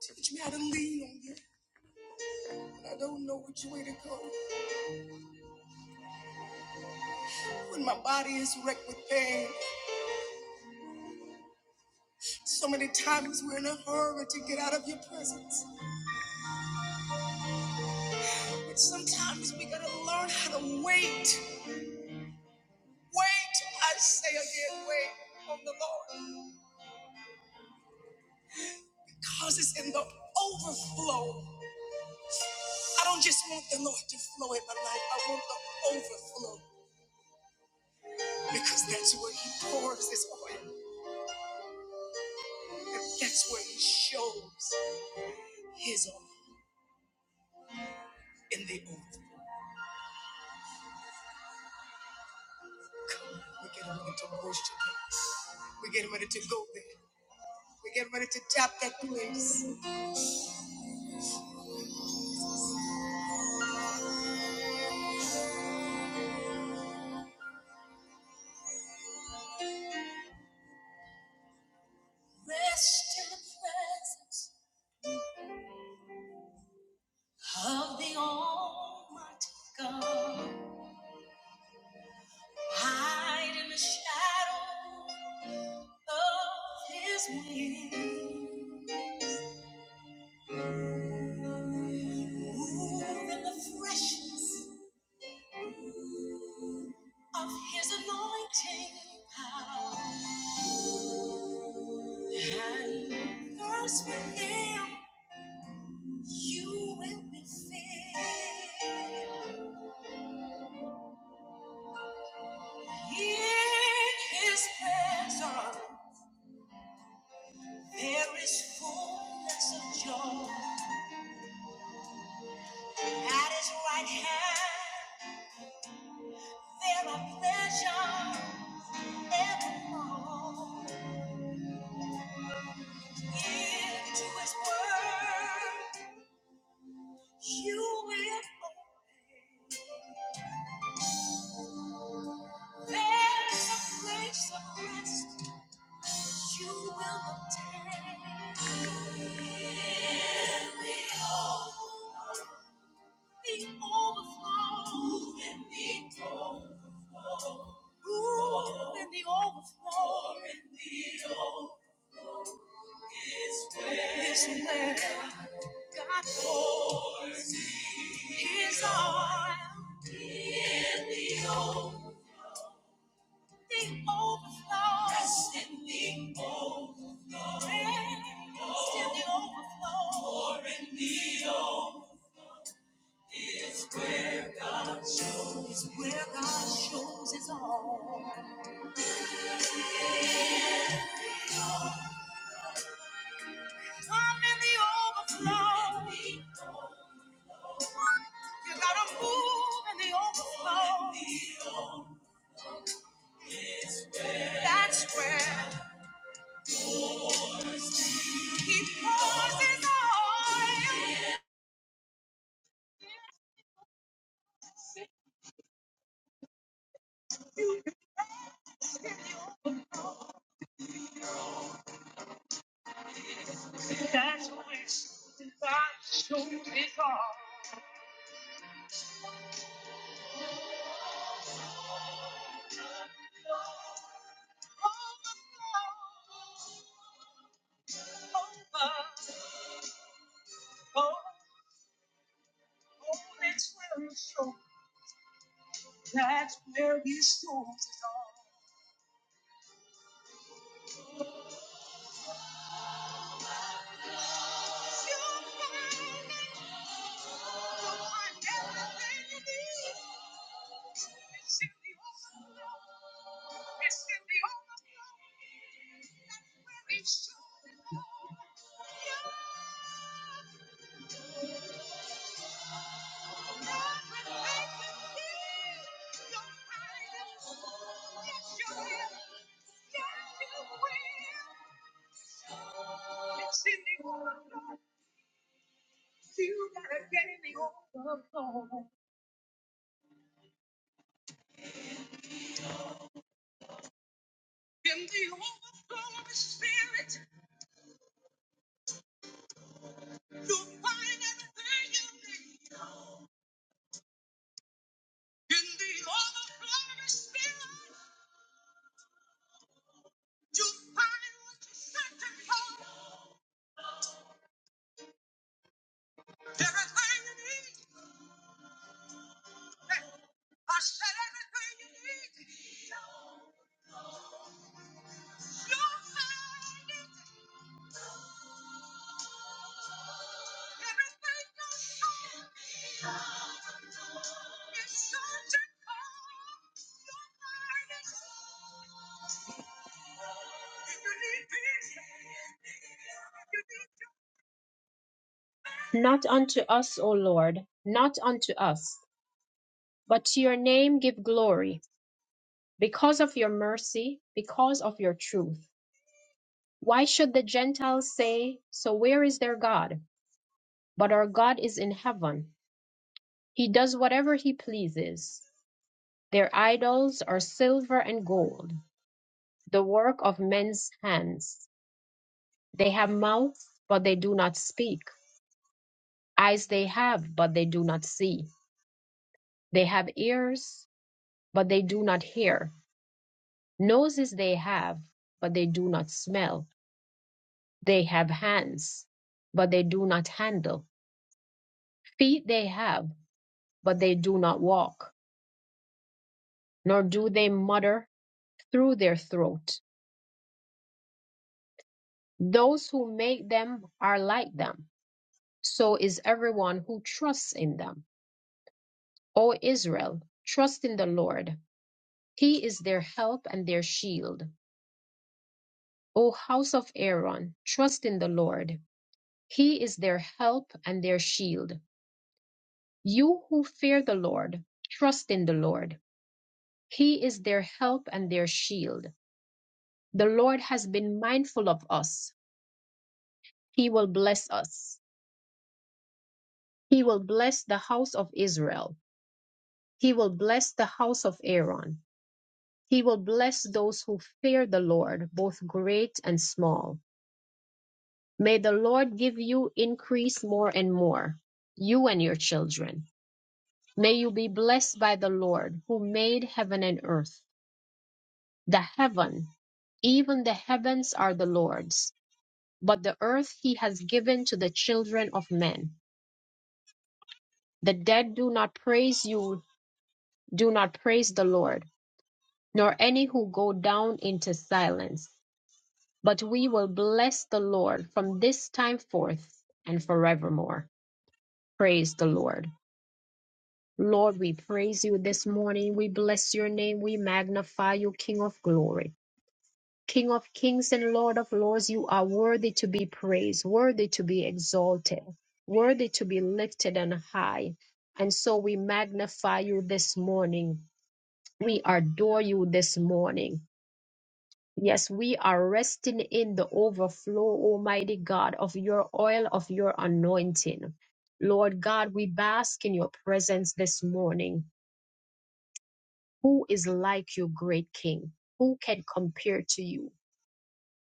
Teach me how to lean on you when I don't know which way to go. When my body is wrecked with pain, so many times we're in a hurry to get out of your presence. But sometimes we gotta learn how to wait. Wait, I say again, wait on the Lord. Cause it's in the overflow. I don't just want the Lord to flow in my life, I want the overflow. Because that's where He pours His oil, and that's where He shows His oil in the overflow. We are getting ready to worship him. We getting ready to go there. We are getting ready to tap that place. Rest in the presence of the Almighty God. Hide in the shadow of His wings. Move in the freshness of His anointing power. And thirst within, you will be filled. In His presence, there is fullness of joy. At His right hand, there are pleasures evermore. Into His word, you will. There's a place of rest. You will obtain the overflow. The overflow. Ooh, and the overflow. And the overflow is where God pours His oil. In the overflow the overflow. Yes, in the overflow. Yes, the overflow. More in the overflow is where God shows. Is where God shows His all. Come in the overflow. You gotta move in the overflow. That's where He pours His oil. Not unto us, O Lord, not unto us, but to your name give glory, because of your mercy, because of your truth. Why should the Gentiles say, So where is their God? But our God is in heaven. He does whatever he pleases. Their idols are silver and gold, the work of men's hands. They have mouths, but they do not speak. Eyes they have, but they do not see. They have ears, but they do not hear. Noses they have, but they do not smell. They have hands, but they do not handle. Feet they have, but they do not walk, nor do they mutter through their throat. Those who make them are like them so is everyone who trusts in them. O Israel, trust in the Lord. He is their help and their shield. O house of Aaron, trust in the Lord. He is their help and their shield. You who fear the Lord, trust in the Lord. He is their help and their shield. The Lord has been mindful of us. He will bless us. He will bless the house of Israel. He will bless the house of Aaron. He will bless those who fear the Lord, both great and small. May the Lord give you increase more and more, you and your children. May you be blessed by the Lord, who made heaven and earth. The heaven, even the heavens are the Lord's, but the earth he has given to the children of men. The dead do not praise you, do not praise the Lord, nor any who go down into silence. But we will bless the Lord from this time forth and forevermore. Praise the Lord. Lord, we praise you this morning. We bless your name. We magnify you, King of glory. King of kings and Lord of lords, you are worthy to be praised, worthy to be exalted, worthy to be lifted on high. And so we magnify you this morning. We adore you this morning. Yes, we are resting in the overflow, Almighty God, of your oil, of your anointing. Lord God, we bask in your presence this morning. Who is like you, great King? Who can compare to you?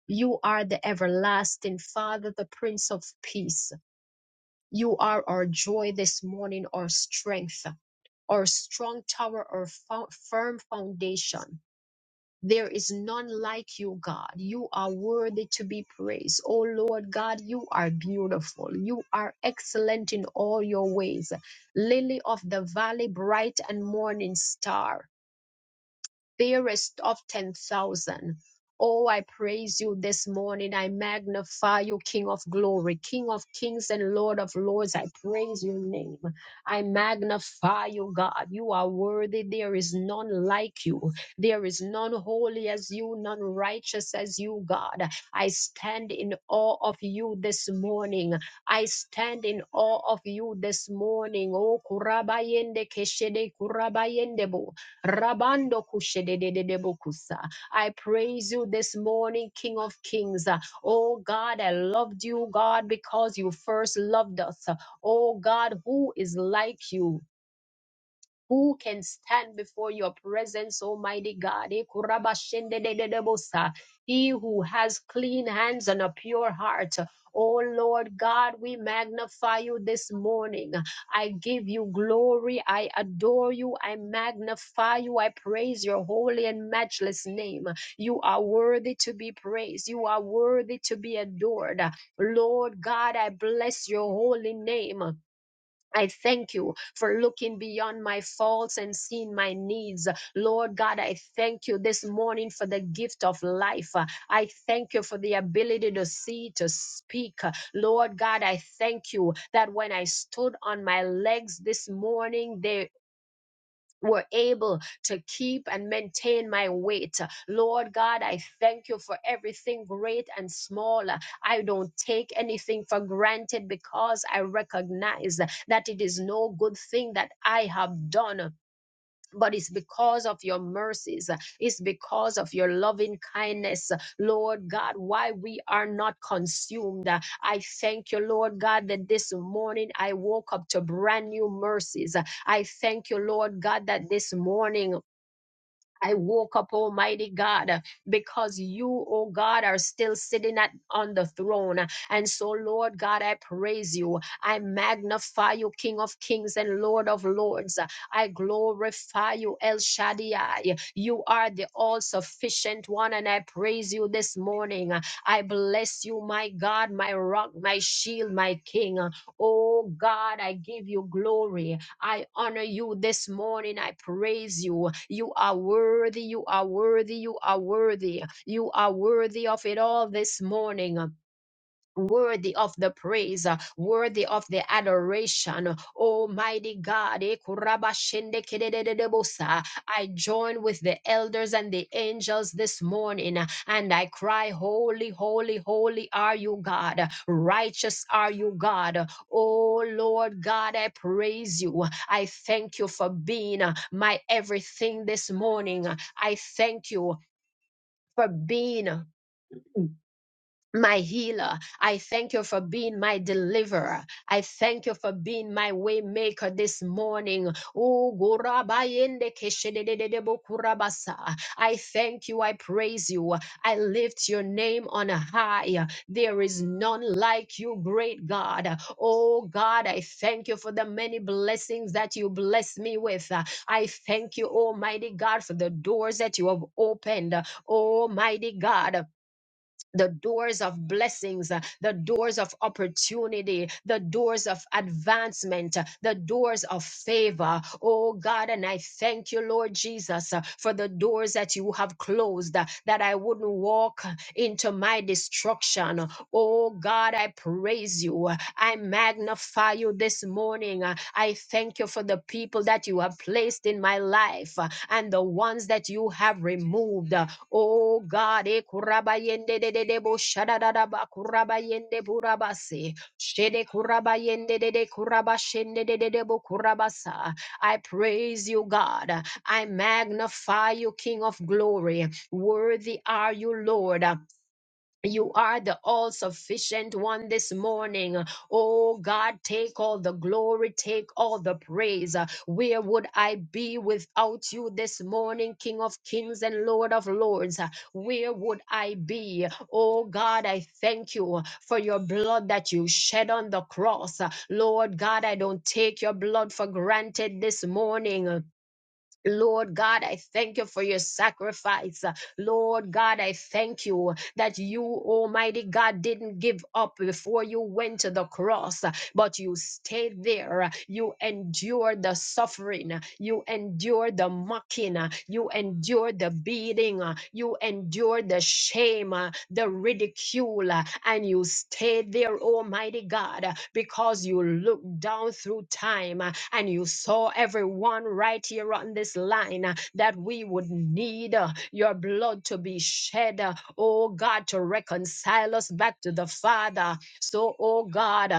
You are the everlasting Father, the Prince of Peace. You are our joy this morning, our strength, our strong tower, our fo- firm foundation. There is none like you, God. You are worthy to be praised. Oh Lord God, you are beautiful. You are excellent in all your ways. Lily of the valley, bright and morning star fairest of ten thousand. Oh, I praise you this morning. I magnify you, King of glory, King of kings and Lord of lords. I praise your name. I magnify you, God. You are worthy. There is none like you. There is none holy as you, none righteous as you, God. I stand in awe of you this morning. I stand in awe of you this morning. Oh, kurabayende keshede kurabayende bo. Rabando kushedededebokusa. I praise you this morning, King of Kings. Oh God, I loved you, God, because you first loved us. Oh God, who is like you? Who can stand before your presence, Almighty God? Eh, He who has clean hands and a pure heart. Oh Lord God, we magnify you this morning. I give you glory. I adore you. I magnify you. I praise your holy and matchless name. You are worthy to be praised. You are worthy to be adored. Lord God, I bless your holy name. I thank you for looking beyond my faults and seeing my needs. Lord God, I thank you this morning for the gift of life. Uh, I thank you for the ability to see, to speak. Uh, Lord God, I thank you that when I stood on my legs this morning, they were able to keep and maintain my weight. Lord God, I thank you for everything great and small. I don't take anything for granted because I recognize that it is no good thing that I have done but it's because of your mercies. It's because of your loving kindness, Lord God, why we are not consumed. I thank you, Lord God, that this morning I woke up to brand new mercies. I thank you, Lord God, that this morning I woke up, Almighty God, uh, because you, oh God, are still sitting at, on the throne. And so, Lord God, I praise you. I magnify you, King of kings and Lord of lords. I glorify you, El Shaddai. You are the all sufficient one, and I praise you this morning. I bless you, my God, my rock, my shield, my King. Oh God, I give you glory. I honor you this morning. I praise you. You are worthy. You are worthy. You are worthy. You are worthy of it all this morning worthy of the praise, uh, worthy of the adoration. Almighty God, eh, kurabashende kededededebosa. I join with the elders and the angels this morning uh, and I cry, Holy, holy, holy are you, God. Righteous are you, God. Oh Lord God, I praise you. I thank you for being uh, my everything this morning. I thank you for being my healer. I thank you for being my deliverer. I thank you for being my way maker this morning. Oh, gorabayende keshedededebo kurabasa. I thank you. I praise you. I lift your name on high. There is none like you, great God. Oh, God, I thank you for the many blessings that you bless me with. I thank you, Almighty God, for the doors that you have opened. Almighty God the doors of blessings, uh, the doors of opportunity, the doors of advancement, uh, the doors of favor. Oh God, and I thank you, Lord Jesus, uh, for the doors that you have closed, uh, that I wouldn't walk into my destruction. Oh God, I praise you. I magnify you this morning. I thank you for the people that you have placed in my life and the ones that you have removed. Oh God, eh, kurabayende de de de bo shadadadaba, kurabayende burabase, shede kurabayende de de kurabashende de de de bo kurabasa. I praise you, God. I magnify you, King of glory. Worthy are you, Lord. You are the all sufficient one this morning. Oh God, take all the glory, take all the praise. Where would I be without you this morning, King of kings and Lord of lords? Where would I be? Oh God, I thank you for your blood that you shed on the cross. Lord God, I don't take your blood for granted this morning. Lord God, I thank you for your sacrifice. Lord God, I thank you that you, Almighty God, didn't give up before you went to the cross but you stayed there. You endured the suffering. You endured the mocking. You endured the beating. You endured the shame, the ridicule, and you stayed there, Almighty God, because you looked down through time and you saw everyone right here on this line that we would need your blood to be shed, oh God, to reconcile us back to the Father. So, oh God,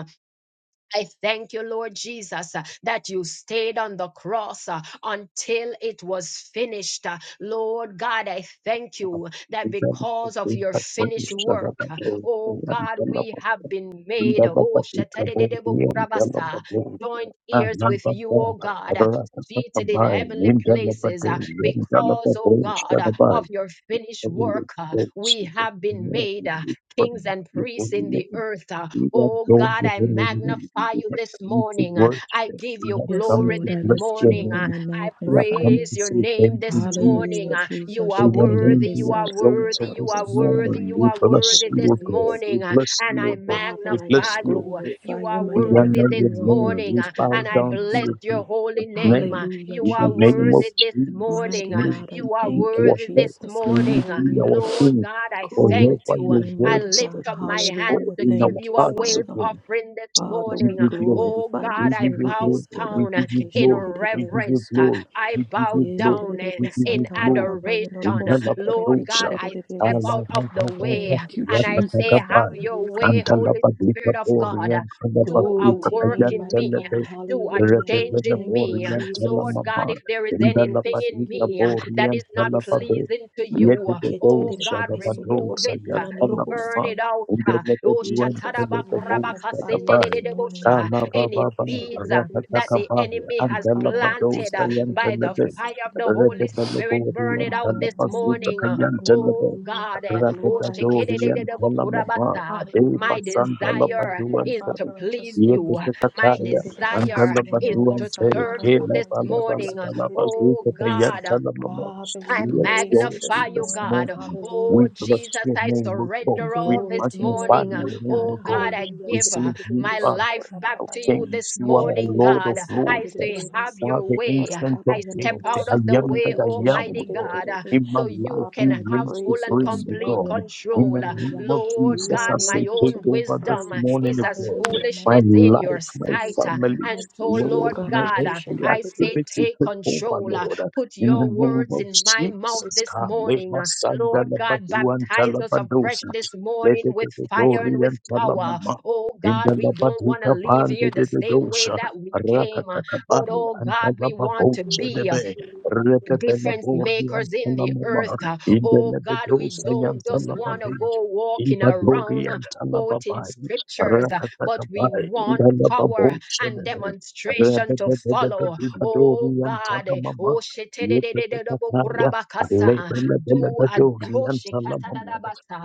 I thank you, Lord Jesus, uh, that you stayed on the cross uh, until it was finished. Uh, Lord God, I thank you that Words because of your finished work, uh, oh God, we have been made, oh, shatadedebokurabasa, joint ears with you, oh God. uh, Seated in heavenly places uh, because, oh God, uh, of your finished work, uh, we have been made. uh, kings and priests in the earth. Uh, Oh God, I magnify you this morning. Uh, I that give we you have Yes, come glory Lord, to I this bless lift your you morning. up and Uh, name. I I We have magnify come you. praise to your say thank name this you, morning. Hallelujah, Jesus. Uh, Jesus. You are May your worthy, name be you are worthy, exalted you this are morning. worthy, you We are bless worthy you, this O God. We morning. Uh, bless And you, I O God. We Father, I bless just magnify you, O you. Uh, God. glorify You you, are We mighty worthy God. honor your this You are name. morning. worthy We Uh, to be bow And I down to bless praised. your your holy Jesus' name. name. Uh, Hallelujah, You In the are name of worthy Jesus. this Jesus, morning. Mighty Uh, may God, I you You are be thank you, our worthy help. this Jesus. May you morning. Uh, be Hallelujah. our Lord king. God, I Glory thank to Forever you. Uh, your your name, I word mighty God. lift up my stays, God, hands Hallelujah. to in give our Thank you, you a hearts, O wave Father. God. offering this We Father, give morning. we you glory. Oh glorify God, We I you. give you bow glory. We down give you in glory. We give you reverence. glory. I We give you bow glory. down in We give Yedidididibiso, in you glory. adoration. In the tarababayandoroso, Lord God, Labadosha, I step korebekididididibiso. out of the way Alababa, Thank you, and I say, Jesus. Have Yatakaban, your Hallelujah. way, and Holy Talabadita Spirit of God. Orient, Do a Glory Talabadita to your work Ayan name, in mighty me, God. Telebe, do a Hallelujah. We change Repetana in thank you, me. Orient Lord Jesus. God, Talamama, if there is in the anything in Labadita me that Orient is not Dororobusekidididididibiso, Talababe, pleasing to you, oh Yetidosha, God, rabaketididididibiso, remove Labadosa, it Yan burn Talamama, it torebeyandorobosaya. out. and then uh, let oh, everyone tell Jesus, we the magnify you bones this morning. shatarabakurabakasendedededebosha, Kalababa, Any seeds uh, that Jokorebekeshedidididibiso, the Rakatakabaya, enemy and has Delabadosa planted uh, and by the Telebe, fire of the rabayandorobosedidididibisokidididi. Holy Spirit, Rebebelebori burn and it out Father, I this Telebasuta morning. uh, magnify Kayan you. Telebe, Oh Hallelujah. God, eh, oh Lord, I lift Rakatadori you and up. Telamama, shekededededebokurabasa, Deva my Hallelujah. desire Sandalabadu Hallelujah. and is Te, to Father, I please just you. thank you. My Yotekataya, Father, we and desire is Telebadu and to Te, serve you this morning. uh, Oh Kelabalabalabazuta Kayan God, uh, Telamama. I We praise exalt you this you magnify you, this morning. God. morning. Oh, We Hallelujah. bless Jesus, your I name, O God. surrender We all Glory this to your magnify name, morning. your mighty name, God. O Oh, God, God. I Hallelujah. We give uh, sing you my up life back of to you this Kings. You are Father, a morning, I Lord of God. I Lords. say, have You are your the way. ancient of I days. step out I of the am way, that I am, O Almighty God. God, uh, In my so you life, can you have reign full praise you and this supreme, O complete God. morning. In control. the Hallelujah. name of Lord You Jesus, are I God, my say, worthy take to own be over this wisdom uh, praised. morning, is O as God. Hallelujah, mighty My foolishness God. in your life, my There sight. is uh, family, none And like you. so, Lord, Lord my God, uh, every I say, activity, take take over, control. Lord. Put In your the name words of in my mouth Jesus, this morning. Kalema uh, Lord Sandala God, Baduan baptize us afresh Talabadosi. this Let morning it with be Thank fire you. glory and with and power. Talama Oh in the God, we don't want to Labadika leave Pan de here the de de same way Dosa, that we came. uh, But Rakatakabai, oh and God, we want to Talababosa de be. uh, Bay, Repetela difference Bordi and makers in the Talamama, earth. uh, in the Oh God, we Lebedosa and don't just want to Talababi, go in walking Badori around uh, and quoting Talababai, scriptures, uh, but we Rakatakabai, in want the power Lababosa and de Bay, demonstration to follow. Oh Rebedori and God, eh, Talamama, oh Yeketakaya, shetededededebokurabakasa, do a Lebedori oh, and Talamama,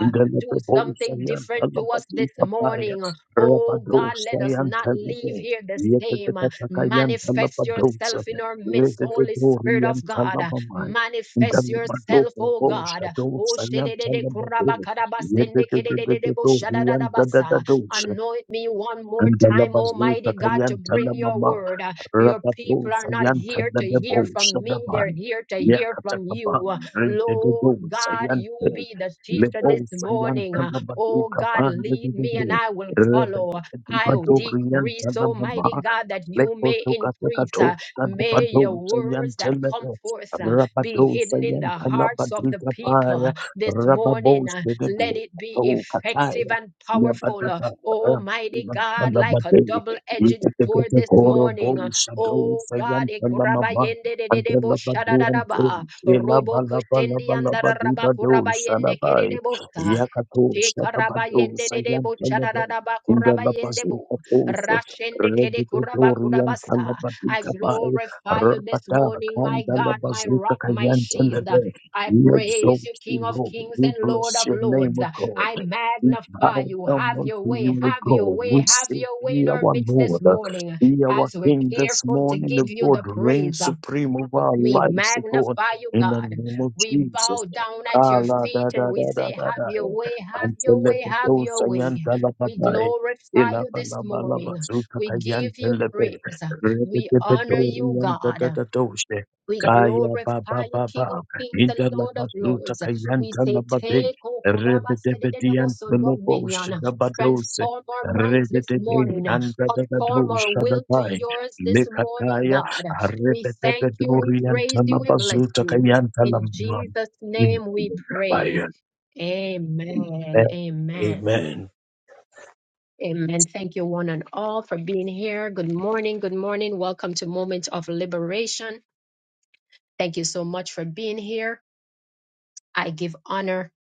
in the do Lebedosa something and different to us this Talabatika morning. uh, Oh God, Rabadosa let us not leave Yantalebe, here the same. Manifest Yetakatakayantalabadosa, yourself in our midst, Holy Spirit of God. Rededoriantalamamai, Manifest Intalamado, yourself, O Bosha, God. Dosa, Yantalababe, Yededoriantadadadosha, Anoint me one more and the time, Labazuka Almighty God, to bring your Kayan word. Your people are Rapadosa not yanta here da to da hear bosa from da me, ba. they're here to Ya hear from katakaba. you. Rinde de Lord dosa God, you yanta. be the Le teacher this bosa morning. yanta la Oh baduka God, pande de lead de me and de. I will Rebe follow. I will decrease, la mama. Almighty God, that you may increase. Lekotukatakato, uh, May your Kadabado, words that come Sayantelebe, forth uh, be Rabado, hidden in the hearts of the Sayantalabadrika people Paya, this morning. Rababos, uh, Kedebe, Let it be Kato, effective Kataya, and powerful. uh, Yabadata, Almighty God, like a Rabadalabade, double edged sword Yikatekete this Koro, Bo, morning. uh, Shado, Oh God, Sayantalamama, ekurabayende de de de bo Antelabadu, Ante, shadadadaba, robo koshendi andararaba Elabalabalabalabalabado, kurabayende Shadabai, Yakato, Te Shadabado, karabayende de de bo Sayantelebe, chadadaba kurabayende bo Indalabazikato, rashende kede kuraba kurabasa. I Regitoriantalabatikabai, glorify you this Rabata, morning, my God, my rock, my shield. Kandalabazutakayantalebe. I We exalt praise you, you, King of Lord. kings We and Lord bless of your name, lords. O God. I We magnify bow you. down Have unto your you, way, O have your God. way, We have say, your way Be in our our midst this Lord, morning be our as we're King this careful to morning, give O you God. the Reign praise. supreme over our We lives, O God, magnify you, in the God. name of We Jesus. bow down at your Allah, da, feet da, and we da, da, say, da, Have da. your way, have your way, have your way. We Antelebedosayantalabadai. glorify you this morning. We give you Ilabalabalabazukatayantelepe. praise. We honor you, God. Rededebedoriantadadadoshe. We Kaya baba glorify you, baba. King of Kings and Lord of Lords. We say, Indalabazutakayantalababek. take, O Kurabasedeboso dominion. Rebedebedianteloboshabadose. Transform our minds this Rededede morning. Conform our will to andadadadoshababai. yours this morning, Lekataya. God. We thank you, we praise you, we bless you. In Rebedebedoriantalabazutakayantalamam. Jesus' We name we glorify pray. your Amen. name. Amen. Amen. Amen. Thank you, one and all, for being here. Good morning. Good morning. Welcome to Moment of Liberation. Thank you so much for being here. I give honor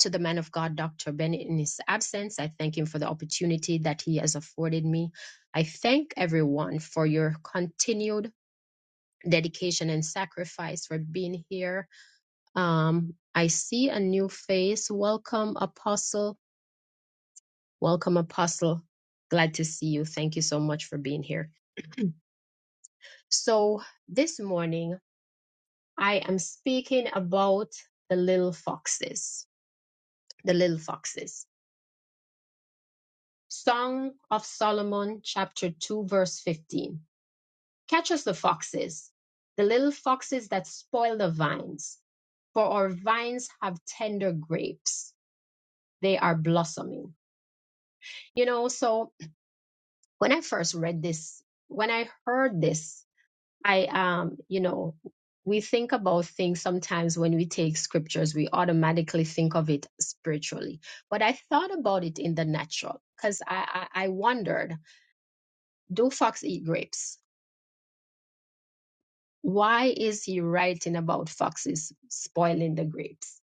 to the man of God, Dr. Bennett, in his absence. I thank him for the opportunity that he has afforded me. I thank everyone for your continued dedication and sacrifice for being here. Um, I see a new face. Welcome, Apostle. Welcome, Apostle. Glad to see you. Thank you so much for being here. So, this morning, I am speaking about the little foxes. The little foxes Song of Solomon, chapter 2, verse 15. Catch us the foxes, the little foxes that spoil the vines, for our vines have tender grapes. They are blossoming. You know, so when I first read this, when I heard this, I, um, you know, we think about things sometimes when we take scriptures, we automatically think of it spiritually. But I thought about it in the natural because I, I, I wondered do fox eat grapes? Why is he writing about foxes spoiling the grapes?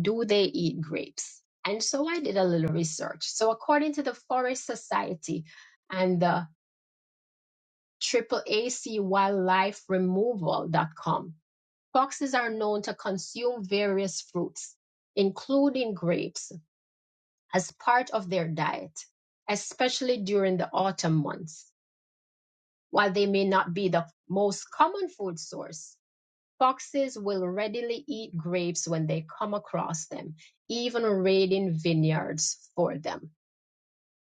Do they eat grapes? And so I did a little research. So, according to the Forest Society and the AAAC Wildlife removal dot com, foxes are known to consume various fruits, including grapes, as part of their diet, especially during the autumn months. While they may not be the most common food source, Foxes will readily eat grapes when they come across them, even raiding vineyards for them.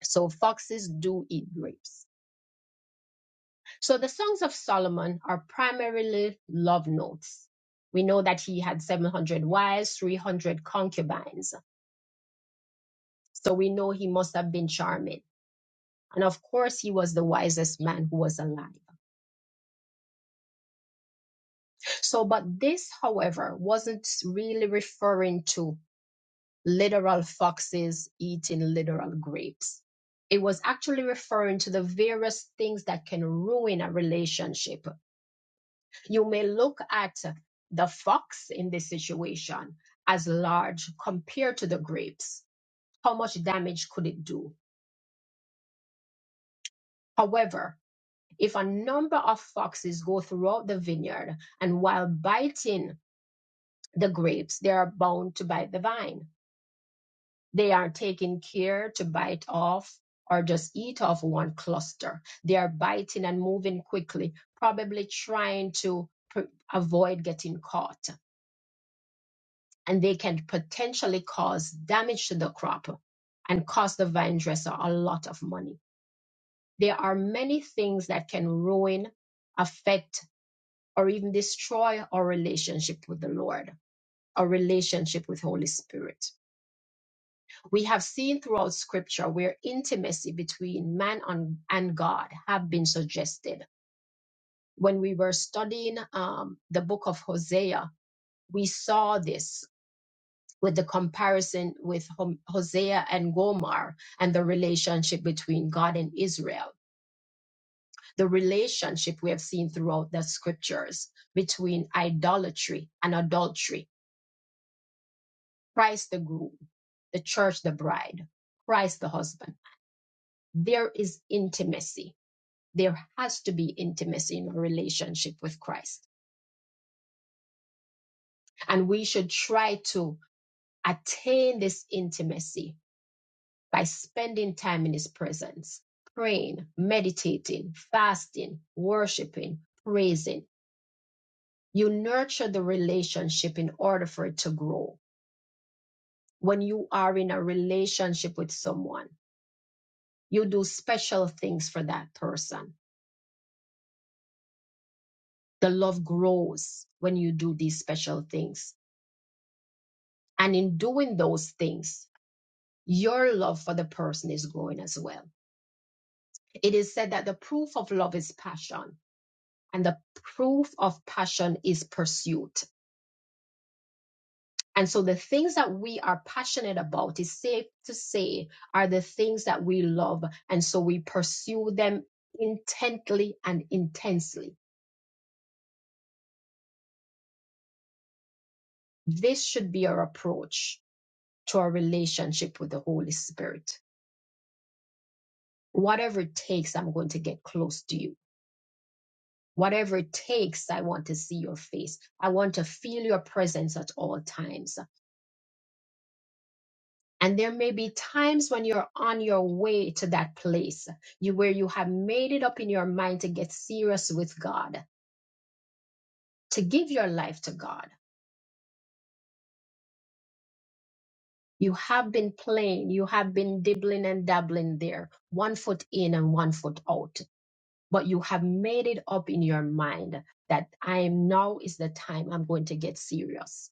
So foxes do eat grapes. So the Songs of Solomon are primarily love notes. We know that he had 700 wives, 300 concubines. So we know he must have been charming. And of course, he was the wisest man who was alive. So, but this, however, wasn't really referring to literal foxes eating literal grapes. It was actually referring to the various things that can ruin a relationship. You may look at the fox in this situation as large compared to the grapes. How much damage could it do? However, if a number of foxes go throughout the vineyard and while biting the grapes, they are bound to bite the vine They are taking care to bite off or just eat off one cluster. They are biting and moving quickly, probably trying to pr- avoid getting caught. And they can potentially cause damage to the crop and cost the vine dresser a lot of money. There are many things that can ruin, affect, or even destroy our relationship with the Lord, our relationship with Holy Spirit We have seen throughout scripture where intimacy between man and, and God have been suggested. When we were studying um, the book of Hosea, we saw this with the comparison with Hom- Hosea and Gomer and the relationship between God and Israel. The relationship we have seen throughout the scriptures between idolatry and adultery, Christ the groom, the church the bride, Christ the husband. There is intimacy there has to be intimacy in our relationship with Christ. And we should try to attain this intimacy by spending time in His presence, praying, meditating, fasting, worshiping, praising. You nurture the relationship in order for it to grow. When you are in a relationship with someone, you do special things for that person. The love grows when you do these special things. And in doing those things, your love for the person is growing as well. It is said that the proof of love is passion, and the proof of passion is pursuit. And so the things that we are passionate about is safe to say are the things that we love. And so we pursue them intently and intensely. This should be our approach to our relationship with the Holy Spirit. Whatever it takes, I'm going to get close to you Whatever it takes, I want to see your face. I want to feel your presence at all times. And there may be times when you're on your way to that place you, where you have made it up in your mind to get serious with God, to give your life to God. You have been playing, you have been dibbling and dabbling there, one foot in and one foot out. But you have made it up in your mind that I am now is the time I'm going to get serious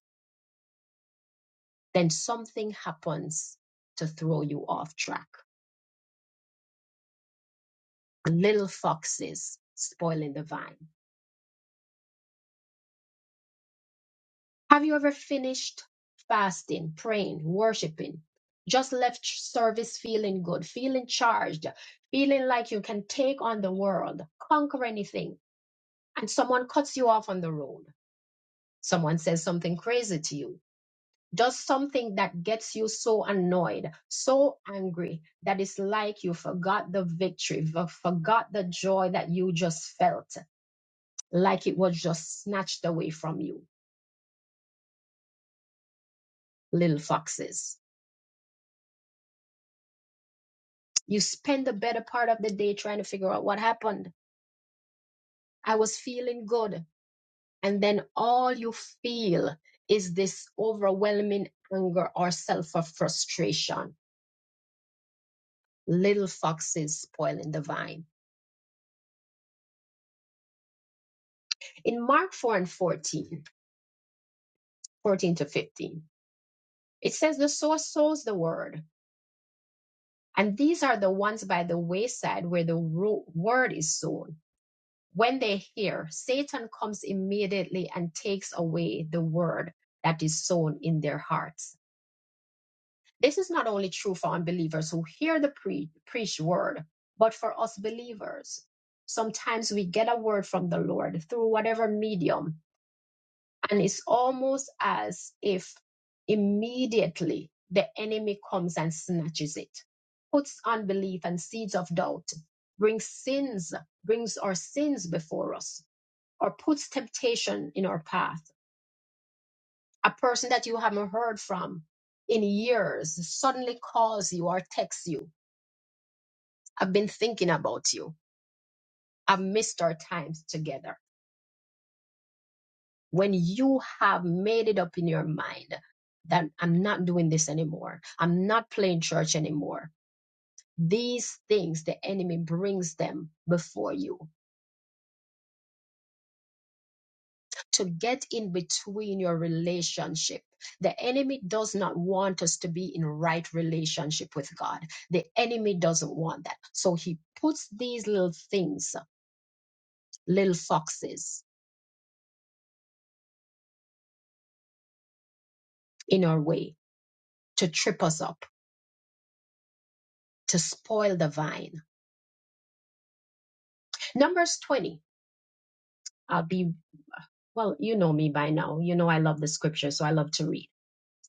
then something happens to throw you off track. Little foxes spoiling the vine. Have you ever finished fasting, praying, worshiping, just left service feeling good, feeling charged, feeling like you can take on the world, conquer anything, and someone cuts you off on the road? Someone says something crazy to you does something that gets you so annoyed, so angry, that it's like you forgot the victory, v- forgot the joy that you just felt, like it was just snatched away from you, little foxes. You spend the better part of the day trying to figure out what happened. I was feeling good. And then all you feel is this overwhelming anger or self frustration. Little foxes spoiling the vine. In Mark 4 and 14, 14 to 15. It says, The sower sows the word, and these are the ones by the wayside where the ro- word is sown. When they hear, Satan comes immediately and takes away the word that is sown in their hearts. This is not only true for unbelievers who hear the pre- preached word, but for us believers. Sometimes we get a word from the Lord through whatever medium And it's almost as if immediately the enemy comes and snatches it, puts unbelief and seeds of doubt, brings sins, brings our sins before us, or puts temptation in our path. A person that you haven't heard from in years suddenly calls you or texts you. I've been thinking about you. I've missed our times together when you have made it up in your mind that I'm not doing this anymore, I'm not playing church anymore, these things the enemy brings them before you to get in between your relationship. The enemy does not want us to be in right relationship with God. The enemy doesn't want that. So he puts these little things, little foxes in our way to trip us up, to spoil the vine. Numbers 20. I'll be Well, you know me by now. You know I love the scripture, so I love to read.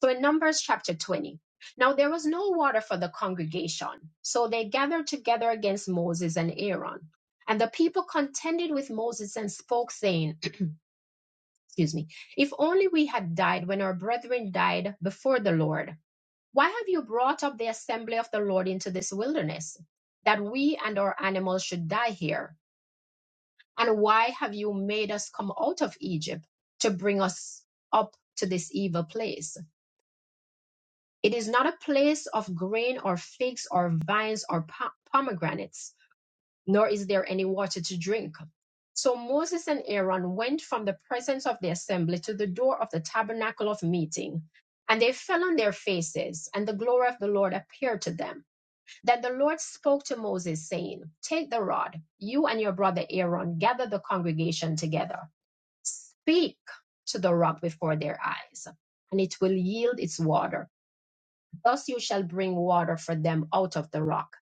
So in Numbers chapter 20, now there was no water for the congregation, so they gathered together against Moses and Aaron. And the people contended with Moses and spoke, saying, Excuse me, if only we had died when our brethren died before the Lord. Why have you brought up the assembly of the Lord into this wilderness, that we and our animals should die here? And why have you made us come out of Egypt to bring us up to this evil place? It is not a place of grain or figs or vines or po- pomegranates, nor is there any water to drink. So Moses and Aaron went from the presence of the assembly to the door of the tabernacle of meeting. And they fell on their faces, and the glory of the Lord appeared to them. Then the Lord spoke to Moses, saying, Take the rod, you and your brother Aaron, gather the congregation together Speak to the rock before their eyes, and it will yield its water. Thus you shall bring water for them out of the rock,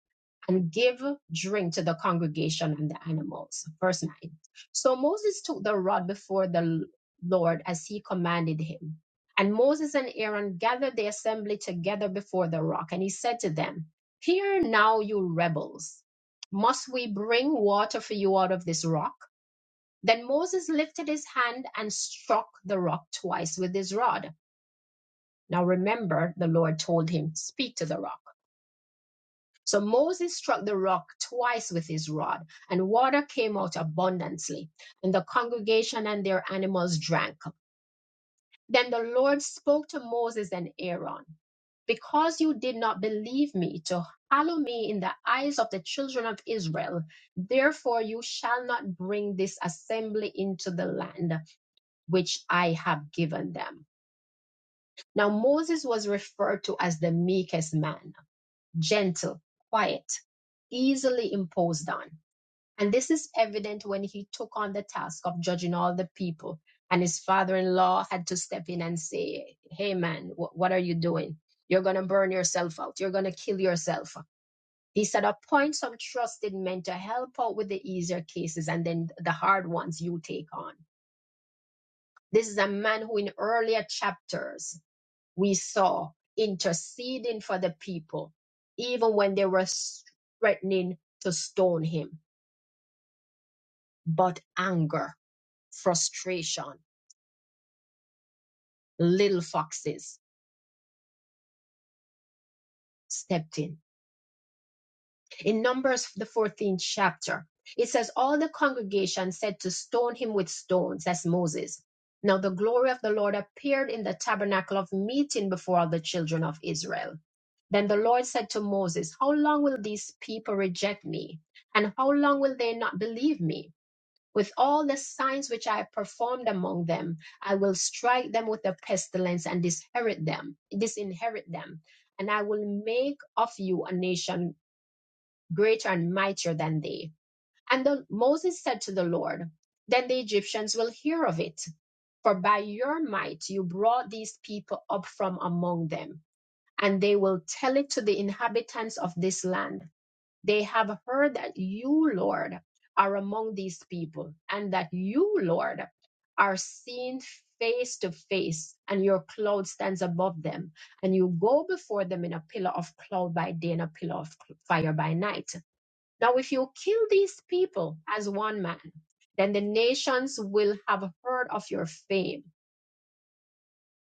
and give drink to the congregation and the animals. Verse 9. So Moses took the rod before the Lord as he commanded him. And Moses and Aaron gathered the assembly together before the rock, and he said to them, Hear now, you rebels, must we bring water for you out of this rock? Then Moses lifted his hand and struck the rock twice with his rod. Now remember, the Lord told him, Speak to the rock. So Moses struck the rock twice with his rod, and water came out abundantly, and the congregation and their animals drank. Then the Lord spoke to Moses and Aaron Because you did not believe me to hallow me in the eyes of the children of Israel, therefore you shall not bring this assembly into the land. which I have given them. Now, Moses was referred to as the meekest man, gentle, quiet, easily imposed on. And this is evident when he took on the task of judging all the people. And his father in law had to step in and say, Hey, man, wh- what are you doing? You're going to burn yourself out. You're going to kill yourself. He said, Appoint some trusted men to help out with the easier cases, and then the hard ones you take on. This is a man who, in earlier chapters, we saw interceding for the people, even when they were threatening to stone him. But anger, frustration, little foxes stepped in In Numbers, the 14th chapter, it says, All the congregation said to stone him with stones. That's Moses. Now the glory of the Lord appeared in the tabernacle of meeting before all the children of Israel. Then the Lord said to Moses, How long will these people reject me? And how long will they not believe me? With all the signs which I have performed among them, I will strike them with a pestilence and disinherit them, disinherit them. And I will make of you a nation greater and mightier than they. And the, Moses said to the Lord, Then the Egyptians will hear of it, for by your might you brought these people up from among them, and they will tell it to the inhabitants of this land. They have heard that you, Lord, are among these people, and that you, Lord, are seen face to face, and your cloud stands above them, and you go before them in a pillar of cloud by day and a pillar of cl- fire by night now, if you kill these people as one man, then the nations will have heard of your fame,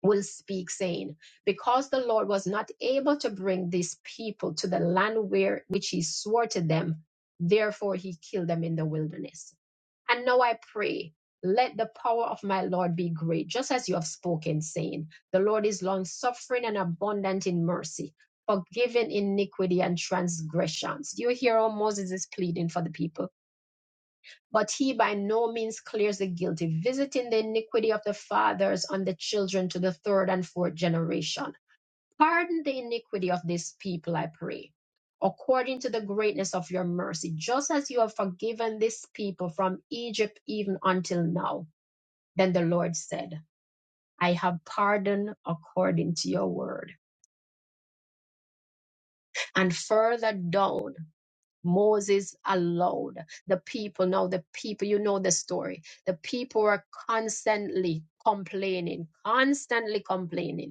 will speak, saying, Because the Lord was not able to bring these people to the land where which he swore to them, therefore he killed them in the wilderness. And now I pray, let the power of my Lord be great, just as you have spoken, saying, The Lord is long suffering and abundant in mercy. Forgiving iniquity and transgressions. Do you hear how Moses is pleading for the people? But he by no means clears the guilty, visiting the iniquity of the fathers on the children to the third and fourth generation. Pardon the iniquity of this people, I pray, according to the greatness of your mercy, just as you have forgiven this people from Egypt even until now. Then the Lord said, I have pardoned according to your word. And further down, Moses allowed The people, now the people, you know the story. The people were constantly complaining, constantly complaining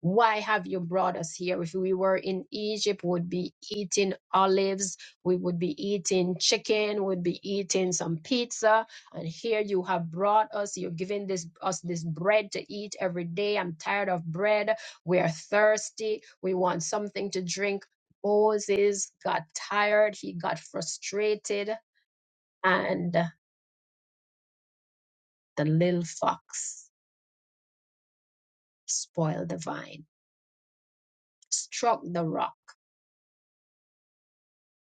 why have you brought us here? If we were in Egypt, we would be eating olives, we would be eating chicken, we would be eating some pizza, and here you have brought us. You're giving this us this bread to eat every day. I'm tired of bread. We are thirsty. We want something to drink. Moses got tired. He got frustrated, and the little fox spoiled the vine, struck the rock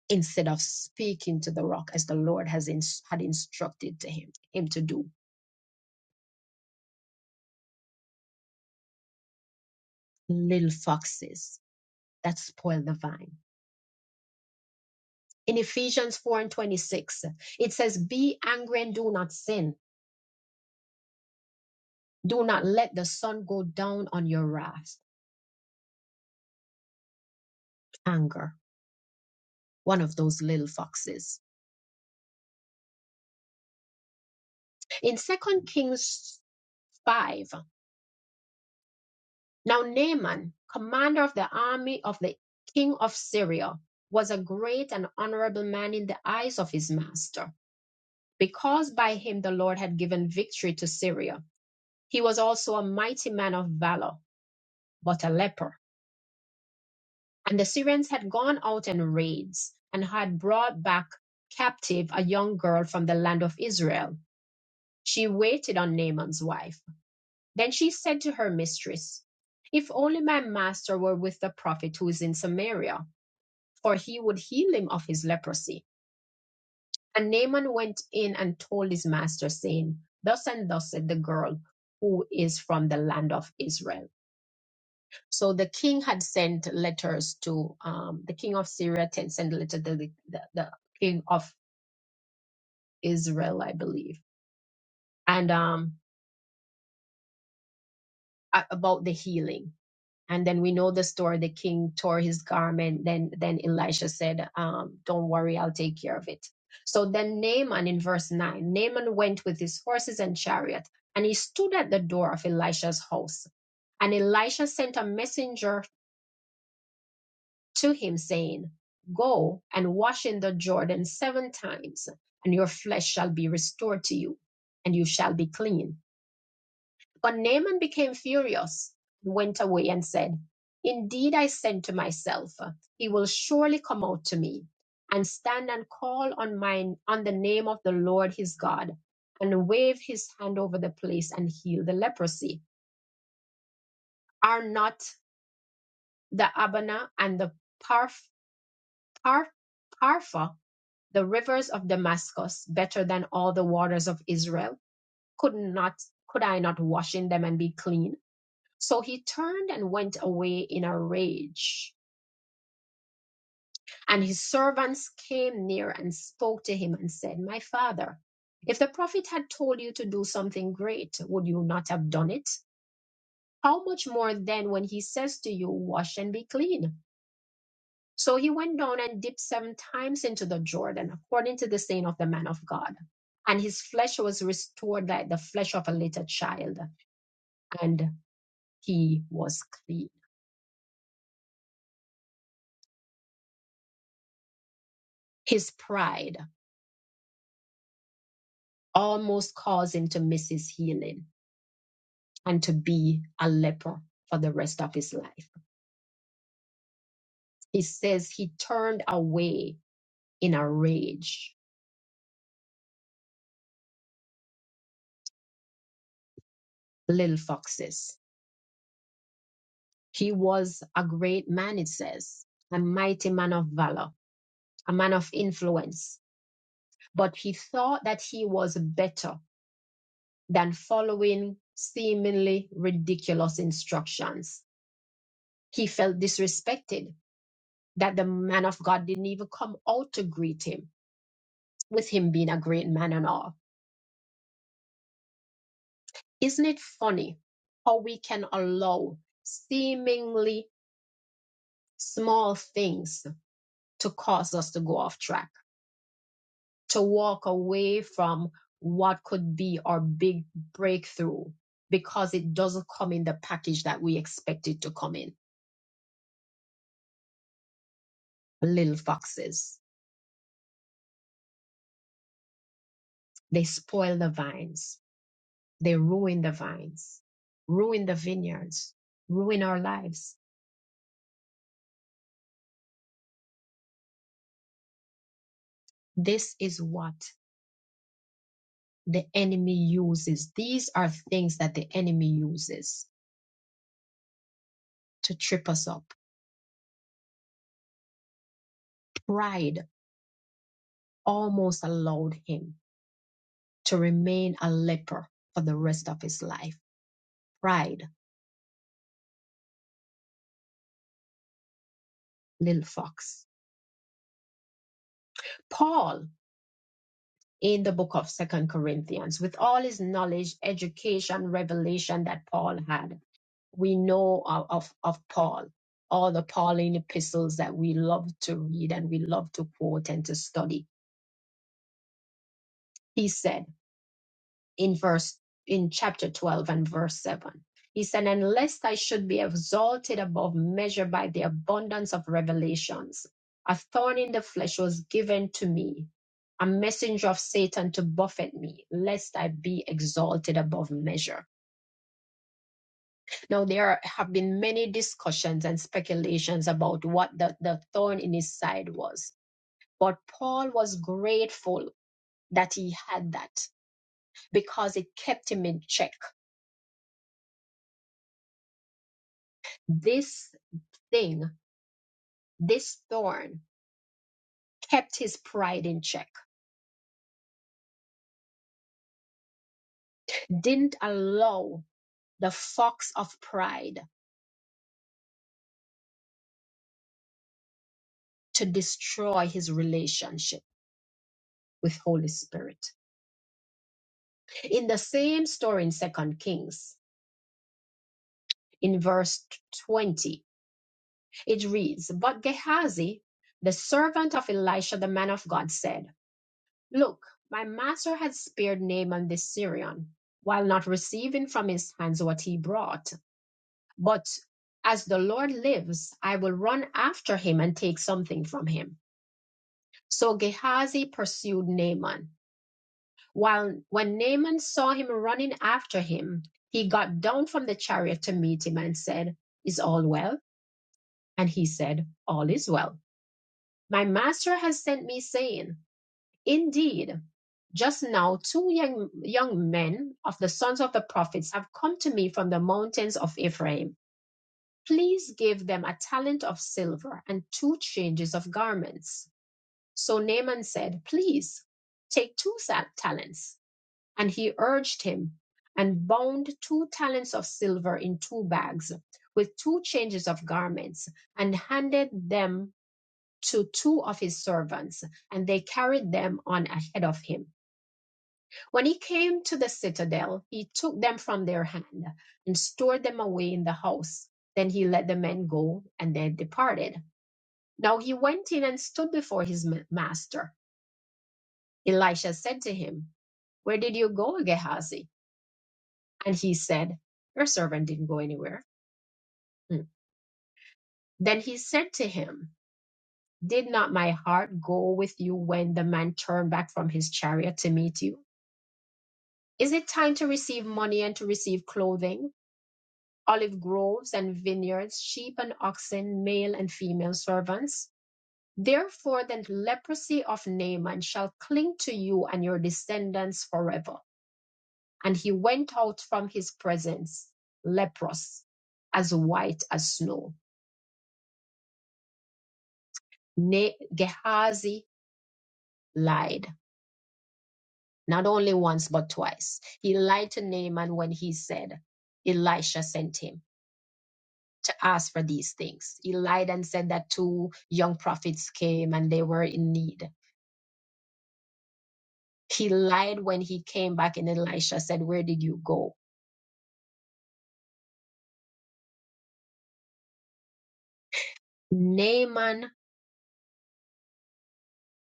instead of speaking to the rock as the Lord has ins- had instructed to him, him to do. Little foxes that spoil the vine. In Ephesians 4 and 26, it says, Be angry and do not sin. Do not let the sun go down on your wrath. Anger, one of those little foxes. In Second Kings 5, now Naaman, commander of the army of the king of Syria, was a great and honorable man in the eyes of his master because by him the Lord had given victory to Syria. He was also a mighty man of valor, but a leper. And the Syrians had gone out in raids and had brought back captive a young girl from the land of Israel. She waited on Naaman's wife. Then she said to her mistress, If only my master were with the prophet who is in Samaria, for he would heal him of his leprosy. And Naaman went in and told his master, saying, Thus and thus said the girl who is from the land of Israel. So the king had sent letters to um, the king of Syria, had sent letter to the, the, the king of Israel, I believe, and um, a- about the healing. and then we know the story the king tore his garment then then elisha said um, don't worry i'll take care of it so then naaman in verse 9 naaman went with his horses and chariot and he stood at the door of elisha's house and elisha sent a messenger to him saying go and wash in the jordan seven times and your flesh shall be restored to you and you shall be clean but Naaman became furious and went away and said, Indeed, I said to myself, He will surely come out to me and stand and call on mine on the name of the Lord his God and wave his hand over the place and heal the leprosy. Are not the Abana and the Parf, Parf, Parfa, the rivers of Damascus, better than all the waters of Israel? Could not could I not wash in them and be clean? So he turned and went away in a rage. And his servants came near and spoke to him and said, My father, if the prophet had told you to do something great, would you not have done it? How much more then when he says to you, Wash and be clean? So he went down and dipped seven times into the Jordan, according to the saying of the man of God. And his flesh was restored like the flesh of a little child, and he was clean. His pride. almost caused him to miss his healing and to be a leper for the rest of his life. He says he turned away in a rage, little foxes. He was a great man, it says, a mighty man of valor, a man of influence, but he thought that he was better than following seemingly ridiculous instructions. He felt disrespected that the man of God didn't even come out to greet him with him being a great man and all. Isn't it funny how we can allow seemingly small things to cause us to go off track, to walk away from what could be our big breakthrough because it doesn't come in the package that we expect it to come in? Little foxes, they spoil the vines, they ruin the vines, ruin the vineyards, ruin our lives. This is what the enemy uses. These are things that the enemy uses to trip us up. Pride almost allowed him to remain a leper for the rest of his life. Pride, little fox. Paul, in the book of Second Corinthians, with all his knowledge, education, revelation that Paul had, we know of, of, of Paul, all the Pauline epistles that we love to read and we love to quote and to study. He said, in verse in chapter 12 and verse 7 he said and lest i should be exalted above measure by the abundance of revelations a thorn in the flesh was given to me a messenger of satan to buffet me lest i be exalted above measure now there are- have been many discussions and speculations about what the, the thorn in his side was but paul was grateful that he had that because it kept him in check this thing, this thorn, kept his pride in check, didn't allow the fox of pride to destroy his relationship with Holy Spirit. In the same story in Second Kings, in verse 20, it reads, But Gehazi, the servant of Elisha, the man of God, said, 'Look, my master had spared Naaman the Syrian, while not receiving from his hands what he brought. But as the Lord lives, I will run after him and take something from him. So Gehazi pursued Naaman. While when Naaman saw him running after him, he got down from the chariot to meet him and said, Is all well? And he said, All is well. My master has sent me saying, 'Indeed, just now two young young men of the sons of the prophets have come to me from the mountains of Ephraim. Please give them a talent of silver and two changes of garments. So Naaman said, Please take two talents. And he urged him and bound two talents of silver in two bags with two changes of garments and handed them to two of his servants, and they carried them on ahead of him. When he came to the citadel, he took them from their hand and stored them away in the house. Then he let the men go, and they departed. Now he went in and stood before his ma- master. Elisha said to him, Where did you go, Gehazi? And he said, Your servant didn't go anywhere. Hmm. Then he said to him, Did not my heart go with you when the man turned back from his chariot to meet you? Is it time to receive money and to receive clothing? olive groves and vineyards, sheep and oxen, male and female servants. Therefore, the leprosy of Naaman shall cling to you and your descendants forever. And he went out from his presence, leprous, as white as snow. Na- Gehazi lied, not only once, but twice. He lied to Naaman when he said, Elisha sent him. to ask for these things. He lied and said that two young prophets came and they were in need. He lied when he came back and Elisha said, Where did you go? Naaman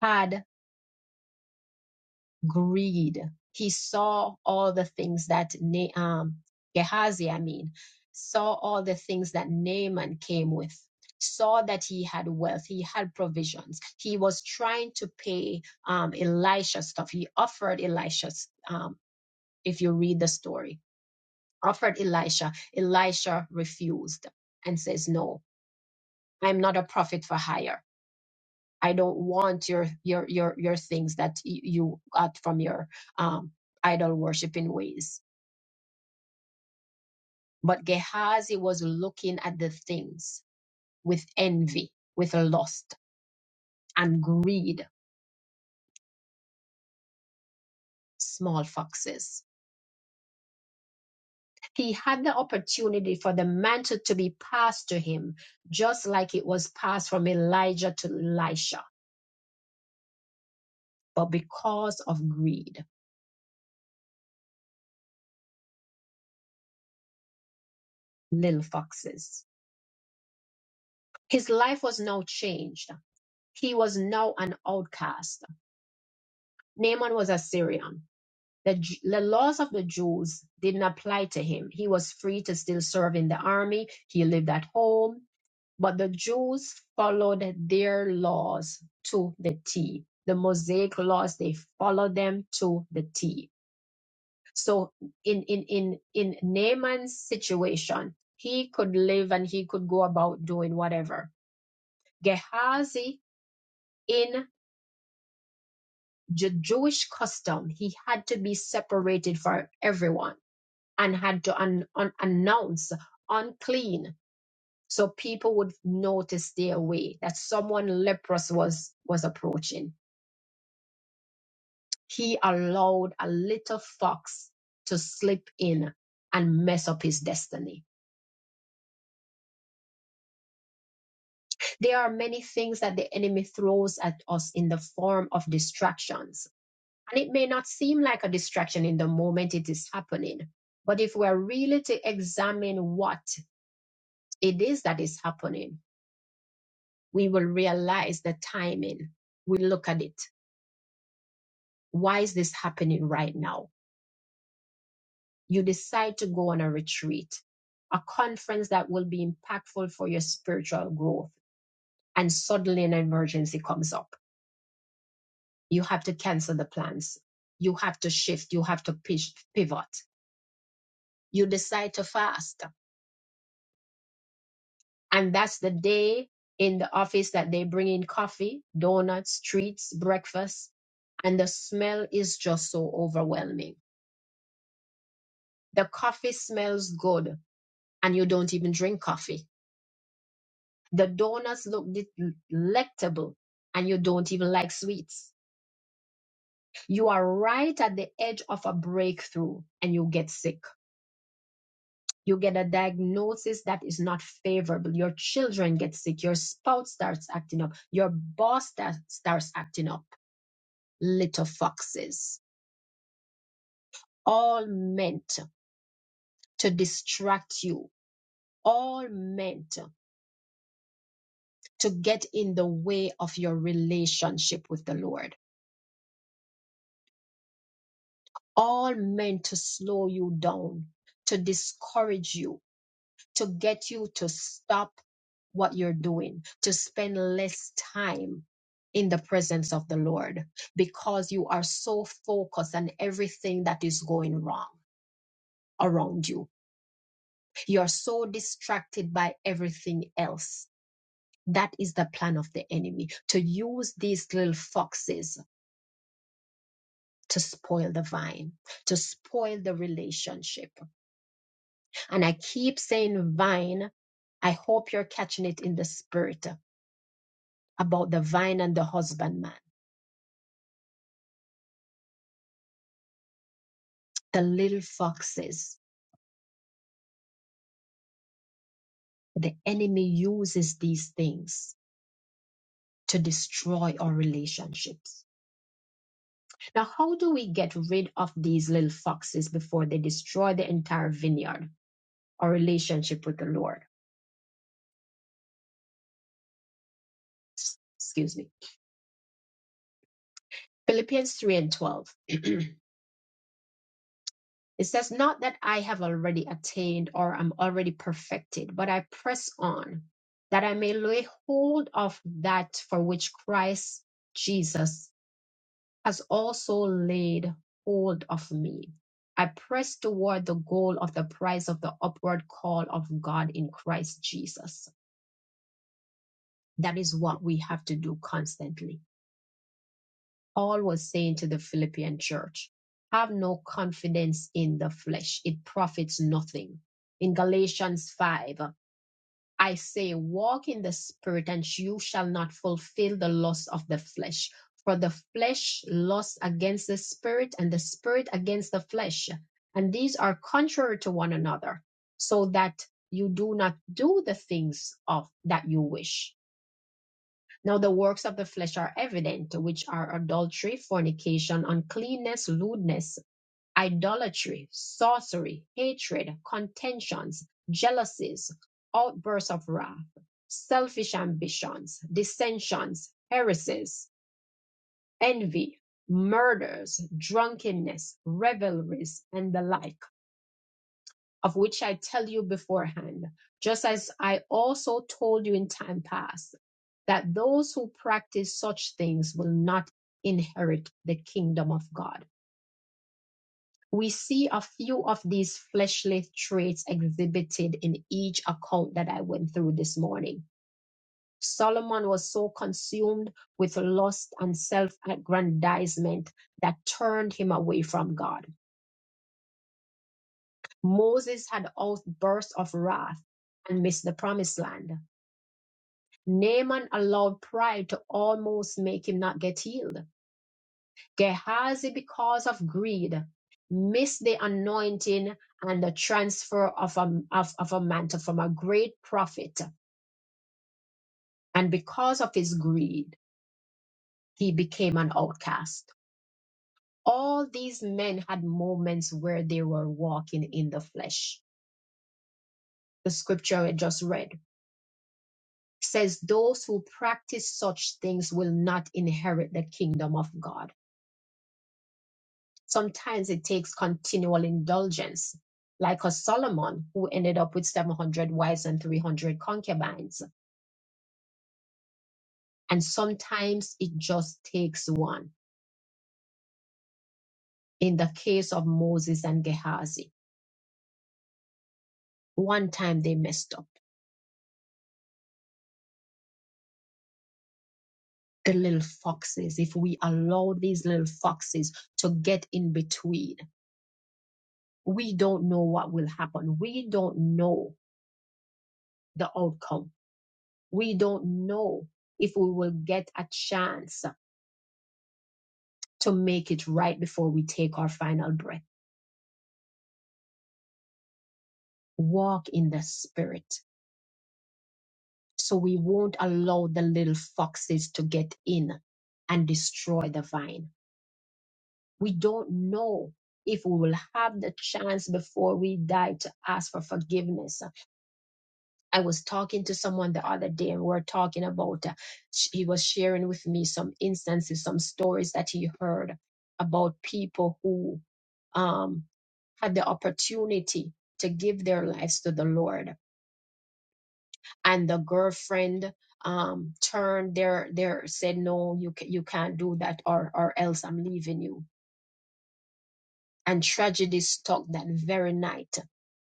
had greed. He saw all the things that Na- um, Gehazi, I mean, saw all the things that Naaman came with, saw that he had wealth, he had provisions. He was trying to pay um, Elisha stuff. He offered Elisha, um, if you read the story offered Elisha. Elisha refused and says, "No, I'm not a prophet for hire. I don't want your your your your things that y- you got from your um, idol worshiping ways." But Gehazi was looking at the things with envy, with lust and greed, small foxes. He had the opportunity for the mantle to be passed to him, just like it was passed from Elijah to Elisha, but because of greed little foxes. His life was now changed. He was now an outcast. Naaman was a Syrian. The, J- the laws of the Jews didn't apply to him. He was free to still serve in the army. He lived at home. But the Jews followed their laws to the T. The Mosaic laws, they followed them to the T. So in, in, in, in Naaman's situation, he could live and he could go about doing whatever Gehazi, in the Jewish custom, he had to be separated from everyone and had to un- un- announce unclean so people would notice their way that someone leprous was was approaching he allowed a little fox to slip in and mess up his destiny there are many things that the enemy throws at us in the form of distractions And it may not seem like a distraction in the moment it is happening, but if we're really to examine what it is that is happening, we will realize the timing. We look at it. Why is this happening right now? You decide to go on a retreat, a conference that will be impactful for your spiritual growth, and suddenly an emergency comes up. You have to cancel the plans. You have to shift. You have to pitch- pivot. You decide to fast And that's the day in the office that they bring in coffee, donuts, treats, breakfast, and the smell is just so overwhelming. The coffee smells good and you don't even drink coffee. The donuts look delectable and you don't even like sweets. You are right at the edge of a breakthrough and you get sick. You get a diagnosis that is not favorable. Your children get sick. Your spouse starts acting up. Your boss sta- starts acting up little foxes, all meant to distract you, all meant to get in the way of your relationship with the Lord, all meant to slow you down, to discourage you, to get you to stop what you're doing, to spend less time in the presence of the Lord because you are so focused on everything that is going wrong around you You're so distracted by everything else. That is the plan of the enemy to use these little foxes to spoil the vine, to spoil the relationship. And I keep saying vine. I hope you're catching it in the spirit about the vine and the husbandman, the little foxes. The enemy uses these things to destroy our relationships Now, how do we get rid of these little foxes before they destroy the entire vineyard, our relationship with the Lord? Excuse me. Philippians 3 and 12. it says, Not that I have already attained or am already perfected, but I press on that I may lay hold of that for which Christ Jesus has also laid hold of me. I press toward the goal of the prize of the upward call of God in Christ Jesus. That is what we have to do constantly. Paul was saying to the Philippian church, have no confidence in the flesh. It profits nothing. In Galatians 5, I say, walk in the spirit and you shall not fulfill the lust of the flesh. For the flesh lusts against the spirit and the spirit against the flesh. And these are contrary to one another so that you do not do the things of that you wish Now the works of the flesh are evident, which are adultery, fornication, uncleanness, lewdness, idolatry, sorcery, hatred, contentions, jealousies, outbursts of wrath, selfish ambitions, dissensions, heresies, envy, murders, drunkenness, revelries, and the like of which I tell you beforehand, just as I also told you in time past, that those who practice such things will not inherit the kingdom of God. We see a few of these fleshly traits exhibited in each account that I went through this morning. Solomon was so consumed with lust and self aggrandizement that turned him away from God. Moses had outbursts of wrath and missed the promised land. Naaman allowed pride to almost make him not get healed. Gehazi, because of greed, missed the anointing and the transfer of a, of, of a mantle from a great prophet. And because of his greed, he became an outcast. All these men had moments where they were walking in the flesh. The scripture I just read says, Those who practice such things will not inherit the kingdom of God Sometimes it takes continual indulgence, like a Solomon who ended up with 700 wives and 300 concubines. And sometimes it just takes one. In the case of Moses and Gehazi, one time they messed up. The little foxes, if we allow these little foxes to get in between, we don't know what will happen. We don't know the outcome. We don't know if we will get a chance to make it right before we take our final breath. Walk in the spirit so we won't allow the little foxes to get in and destroy the vine. We don't know if we will have the chance before we die to ask for forgiveness I was talking to someone the other day, and we were talking about, uh, sh- he was sharing with me some instances, some stories that he heard about people who um, had the opportunity to give their lives to the Lord, and the girlfriend um, turned their their said, "No, you ca- you can't do that, or or else I'm leaving you." And tragedy struck that very night,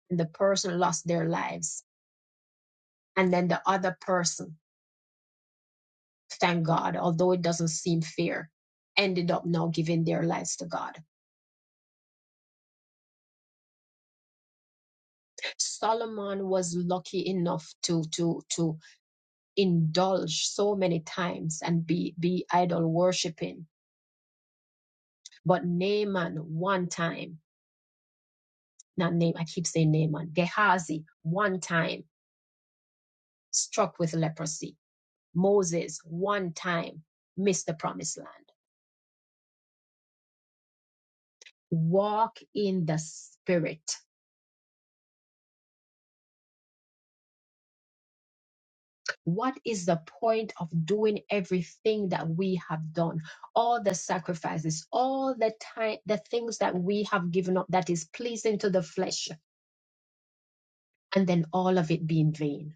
and the person lost their lives, and then the other person thank God, although it doesn't seem fair, ended up now giving their lives to God. Solomon was lucky enough to to to indulge so many times and be be idol worshiping, but Naaman one time, not name, I keep saying Naaman, Gehazi one time struck with leprosy. Moses one time missed the promised land. Walk in the spirit What is the point of doing everything that we have done? All the sacrifices, all the time, the things that we have given up that is pleasing to the flesh, and then all of it being vain.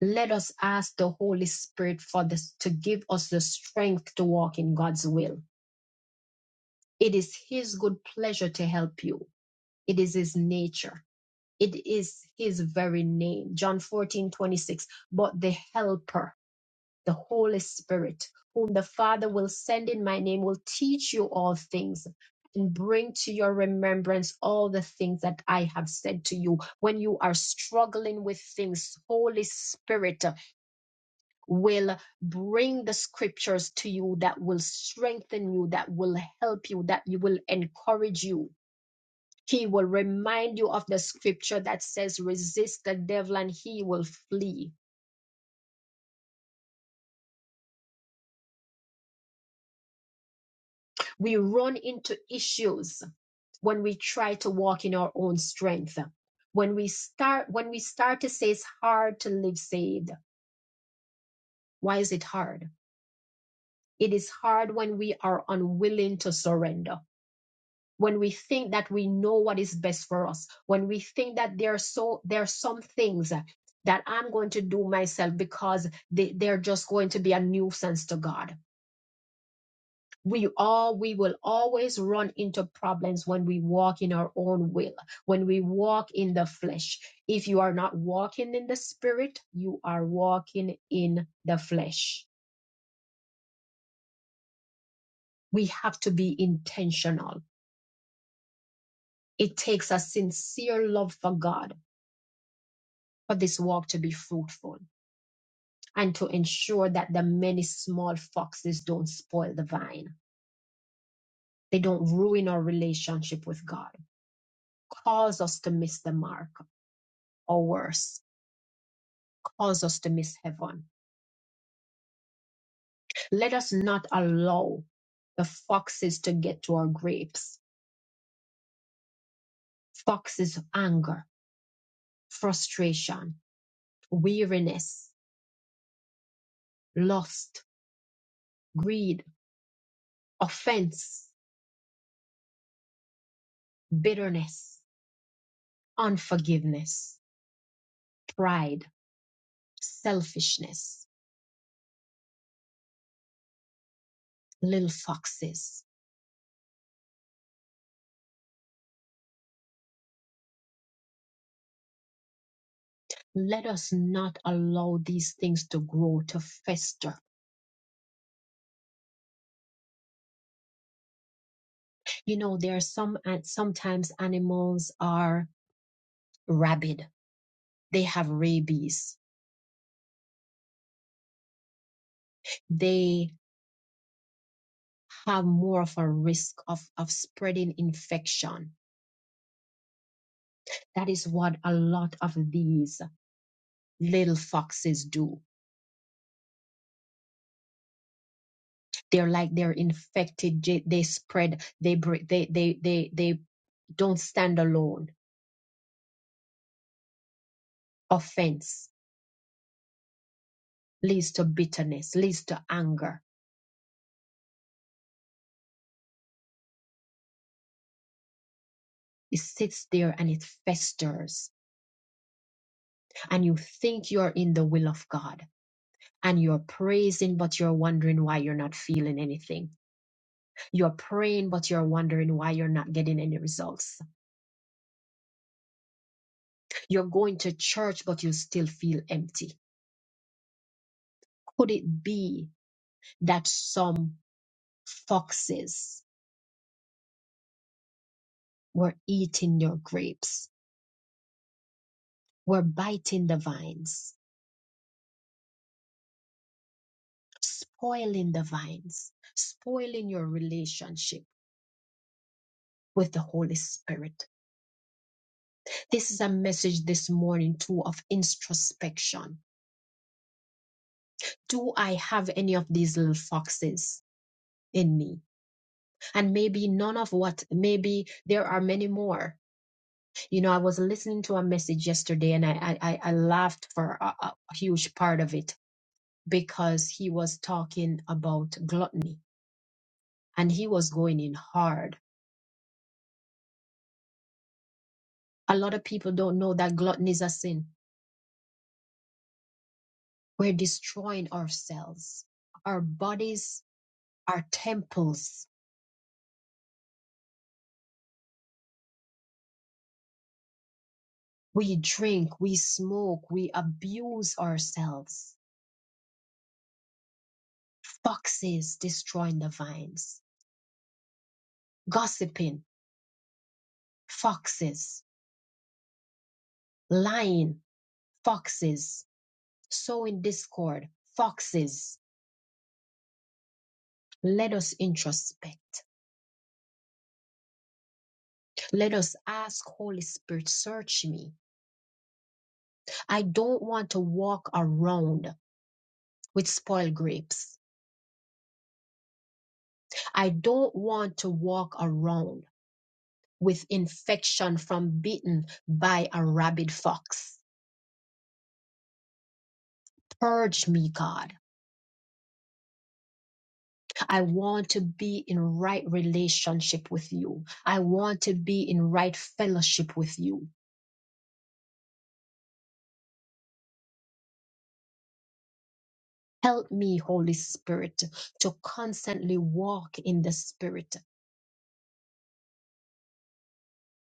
Let us ask the Holy Spirit for this to give us the strength to walk in God's will. It is His good pleasure to help you. It is His nature. It is His very name. John 14 26. But the helper the Holy Spirit, whom the Father will send in my name, will teach you all things and bring to your remembrance all the things that I have said to you. When you are struggling with things, Holy Spirit will bring the scriptures to you that will strengthen you, that will help you, that you will encourage you. He will remind you of the scripture that says, resist the devil and he will flee. We run into issues when we try to walk in our own strength when we start when we start to say it's hard to live saved why is it hard it is hard when we are unwilling to surrender when we think that we know what is best for us when we think that there are so there are some things that i'm going to do myself because they, they're just going to be a nuisance to god we all we will always run into problems when we walk in our own will when we walk in the flesh if you are not walking in the spirit you are walking in the flesh we have to be intentional it takes a sincere love for god for this walk to be fruitful and to ensure that the many small foxes don't spoil the vine they don't ruin our relationship with god cause us to miss the mark or worse cause us to miss heaven. Let us not allow the foxes to get to our grapes. Foxes anger, frustration, weariness, lust, greed, offense, bitterness, unforgiveness, pride, selfishness, little foxes. Let us not allow these things to grow, to fester. You know, there are some, and sometimes animals are rabid. They have rabies they have more of a risk of, of spreading infection. That is what a lot of these little foxes do. They're like they're infected. They spread. They break. They they they they don't stand alone. Offense leads to bitterness, leads to anger. It sits there and it festers, and you think you're in the will of God and you're praising, but you're wondering why you're not feeling anything You're praying, but you're wondering why you're not getting any results. You're going to church, but you still feel empty. Could it be that some foxes were eating your grapes, were biting the vines, spoiling the vines, spoiling your relationship with the Holy Spirit? This is a message this morning, too, of introspection. Do I have any of these little foxes in me? and maybe none of what maybe there are many more you know i was listening to a message yesterday and i i, I laughed for a a huge part of it because he was talking about gluttony and he was going in hard a lot of people don't know that gluttony is a sin we're destroying ourselves our bodies are temples we drink we smoke we abuse ourselves foxes destroying the vines gossiping foxes, lying, foxes, sowing discord, foxes. Let us introspect. Let us ask Holy Spirit, search me. I don't want to walk around with spoiled grapes. I don't want to walk around with infection from bitten by a rabid fox. Purge me, God. I want to be in right relationship with you. I want to be in right fellowship with you. Help me, Holy Spirit, to constantly walk in the Spirit.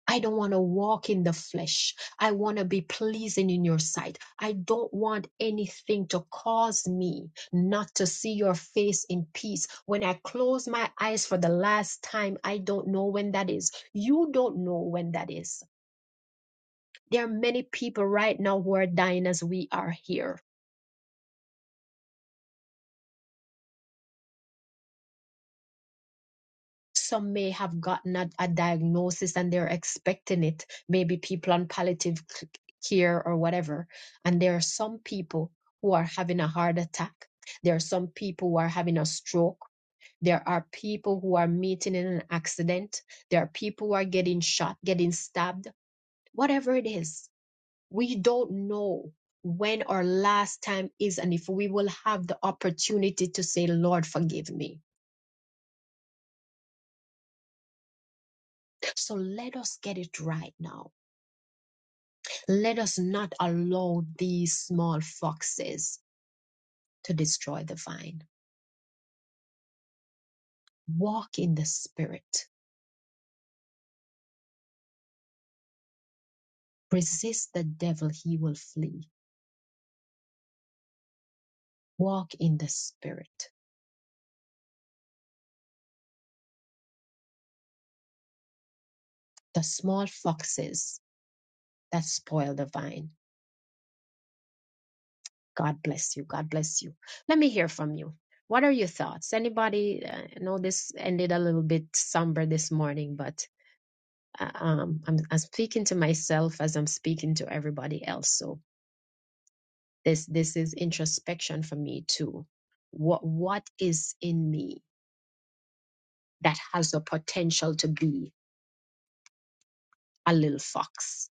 I don't want to walk in the flesh. I want to be pleasing in your sight. I don't want anything to cause me not to see your face in peace. When I close my eyes for the last time, I don't know when that is. You don't know when that is. There are many people right now who are dying as we are here some may have gotten a, a diagnosis and they're expecting it maybe people on palliative care or whatever and there are some people who are having a heart attack there are some people who are having a stroke there are people who are meeting in an accident there are people who are getting shot getting stabbed whatever it is we don't know when our last time is and if we will have the opportunity to say lord forgive me so let us get it right now Let us not allow these small foxes to destroy the vine. Walk in the spirit. Resist the devil, he will flee. Walk in the spirit. The small foxes that spoil the vine. God bless you. God bless you. Let me hear from you. What are your thoughts? Anybody? uh, I know this ended a little bit somber this morning, but uh, um, I'm, I'm speaking to myself as I'm speaking to everybody else. So this this is introspection for me too what what is in me that has the potential to be a little fox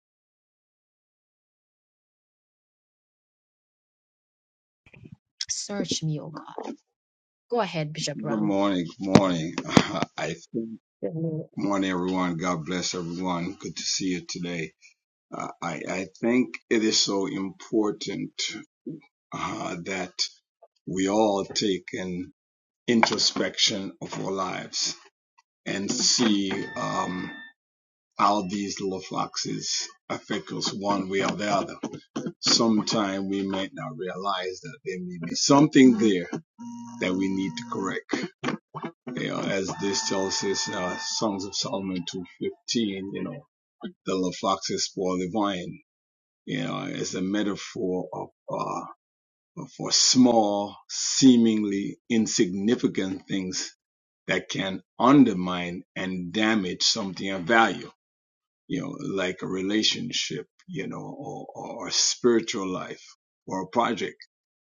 search me oh god go ahead bishop Good brown morning. Good morning. I think, Mhm. good morning, everyone. God bless everyone. Good to see you today. Uh, I, I think it is so important uh, that we all take an introspection of our lives and see um, how these little foxes affect us one way or the other. Sometime we might not realize that there may be something there that we need to correct. you know, as this tells us, uh, Songs of Solomon 2.15, you know, the little foxes spoil the vine, you know, is a metaphor of, uh, for small, seemingly insignificant things that can undermine and damage something of value, you know, like a relationship, you know, or, or a spiritual life or a project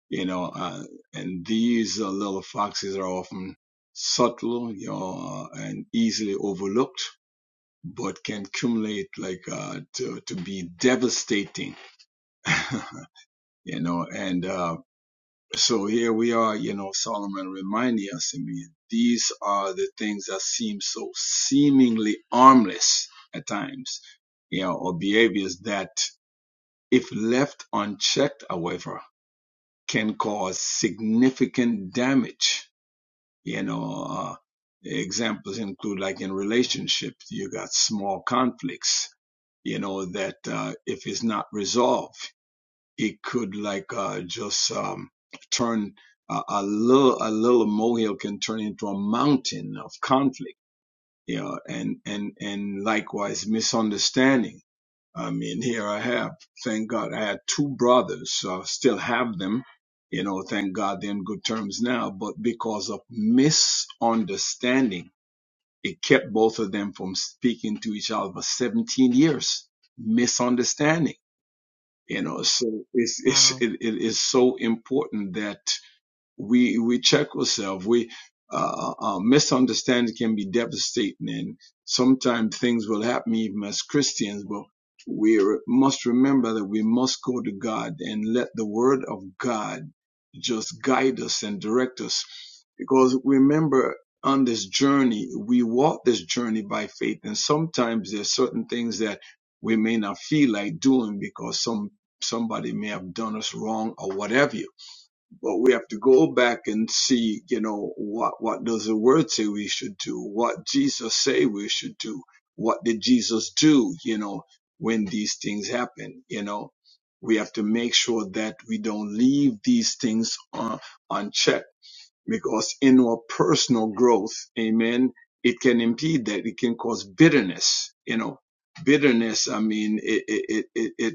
you know, uh, and these uh, little foxes are often subtle, you know, uh, and easily overlooked, but can accumulate like uh, to to be devastating, you know. And uh, so here we are, you know, Solomon reminding us, I mean, these are the things that seem so seemingly harmless at times, you know, or behaviors that, if left unchecked, however, can cause significant damage you know uh, examples include like in relationships you got small conflicts you know that uh, if it's not resolved it could like uh, just um, turn a a little a little molehill can turn into a mountain of conflict you know, and and and likewise misunderstanding. I mean, here I have, thank God, I had two brothers, so I still have them. You know, thank God they're in good terms now. But because of misunderstanding, it kept both of them from speaking to each other for 17 years. Misunderstanding, you know. So it's it's wow it, it is so important that we we check ourselves. We uh, uh, uh, misunderstanding can be devastating, and sometimes things will happen even as Christians. But we re- must remember that we must go to God and let the Word of God just guide us and direct us, because remember. On this journey, we walk this journey by faith, and sometimes there's certain things that we may not feel like doing because some somebody may have done us wrong or whatever but we have to go back and see, you know, what, what does the word say we should do? What Jesus say we should do? What did Jesus do, you know, when these things happen, you know? We have to make sure that we don't leave these things on, unchecked because in our personal growth, amen, it can impede that. It can cause bitterness. You know, bitterness. I mean, it it it it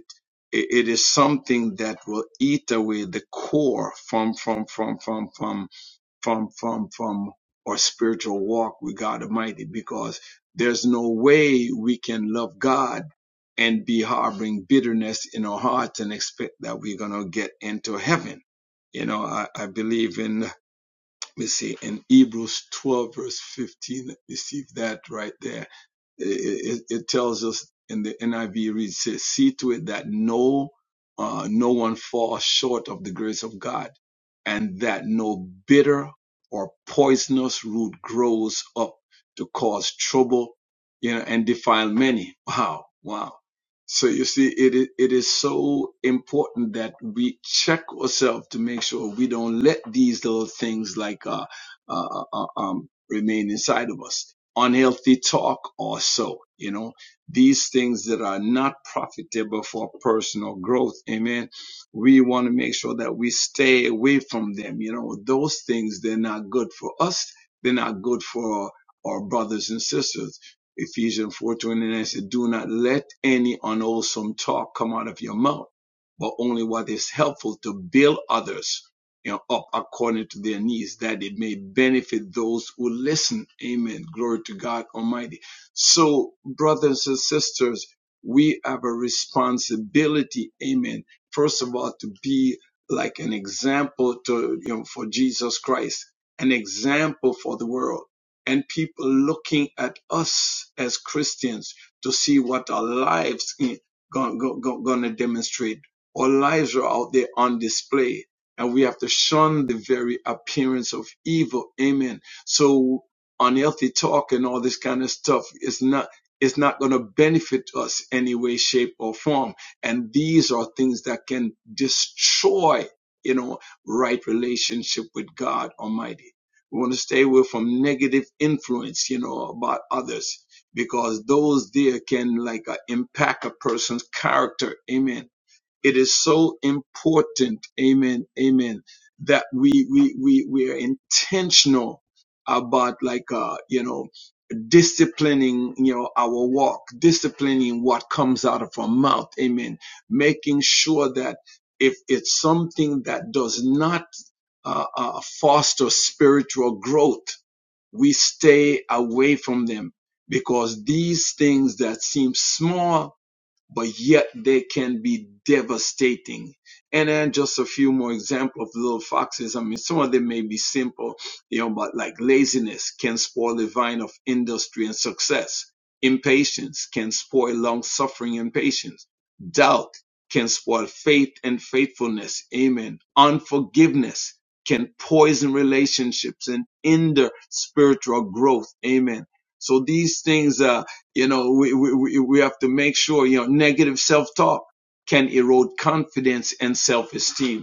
it is something that will eat away the core from from from from from from from from our spiritual walk with God Almighty, because there's no way we can love God and be harboring bitterness in our hearts and expect that we're gonna get into heaven you know, I, I believe in let me see, in Hebrews 12, verse 15, let me see if that right there. It, it, it tells us in the NIV reads, says, see to it that no, uh, no one falls short of the grace of God and that no bitter or poisonous root grows up to cause trouble, you know, and defile many. Wow. Wow. So you see, it is, it is so important that we check ourselves to make sure we don't let these little things like uh, uh, uh, uh, um, remain inside of us. Unhealthy talk or so, you know, these things that are not profitable for personal growth. Amen. We want to make sure that we stay away from them. You know, those things, they're not good for us. They're not good for our brothers and sisters Ephesians 4:29 said, "Do not let any unwholesome talk come out of your mouth, but only what is helpful to build others you know, up according to their needs, that it may benefit those who listen." Amen. Glory to God Almighty. So, brothers and sisters, we have a responsibility. Amen. First of all, to be like an example to you know for Jesus Christ, an example for the world and people looking at us as Christians to see what our lives are going to demonstrate. Our lives are out there on display, and we have to shun the very appearance of evil. Amen. So unhealthy talk and all this kind of stuff is not is not going to benefit us any way, shape, or form. And these are things that can destroy, you know, right relationship with God Almighty. We want to stay away from negative influence, you know, about others because those there can like uh, impact a person's character. Amen. It is so important. Amen. Amen. That we, we, we, we are intentional about like, uh, you know, disciplining you know our walk disciplining what comes out of our mouth amen making sure that if it's something that does not uh, uh, foster spiritual growth we stay away from them because these things that seem small but yet they can be devastating. And then just a few more examples of little foxes. I mean, some of them may be simple, you know, but like laziness can spoil the vine of industry and success. Impatience can spoil long suffering and patience. Doubt can spoil faith and faithfulness. Amen. Unforgiveness can poison relationships and hinder spiritual growth. Amen. So these things, uh, you know, we, we, we have to make sure, you know, negative self-talk can erode confidence and self-esteem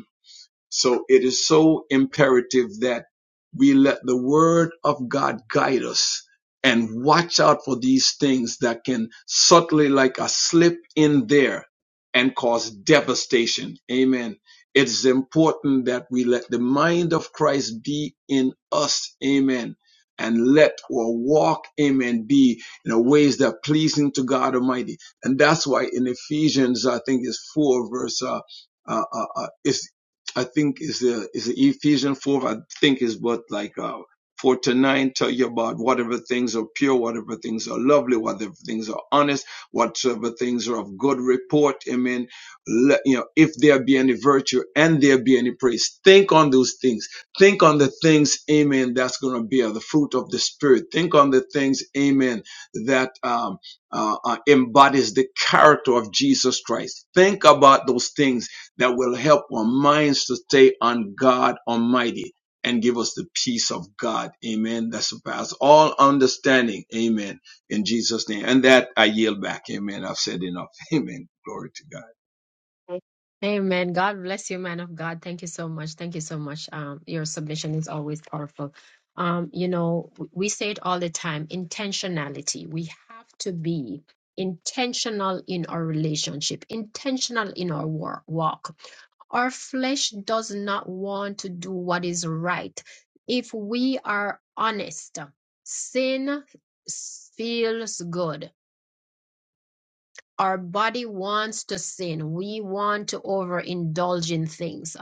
so it is so imperative that we let the word of God guide us and watch out for these things that can subtly like a slip in there and cause devastation. Amen. It's important that we let the mind of Christ be in us. Amen. And let our walk, amen, be in a ways that are pleasing to God Almighty. And that's why in Ephesians, I think it's four verse, uh, uh, uh, uh, it's I think is the is the Ephesians four. I think is what like uh, four to nine. tell you about whatever things are pure, whatever things are lovely, whatever things are honest, whatever things are of good report. Amen. Let, you know, if there be any virtue and there be any praise, think on those things. Think on the things, amen, that's going to bear the fruit of the spirit. Think on the things, amen, that um, uh, uh, embodies the character of Jesus Christ. Think about those things that will help our minds to stay on God Almighty and give us the peace of God. Amen. That surpasses all understanding. Amen. In Jesus' name. And that I yield back. Amen. I've said enough. Amen. Glory to God. Amen. God bless you, man of God. Thank you so much. Thank you so much. Um, your submission is always powerful. Um, you know, w- we say it all the time, intentionality. We have to be intentional in our relationship, intentional in our wor- walk. Our flesh does not want to do what is right. If we are honest, sin feels good our body wants to sin. We want to overindulge in things.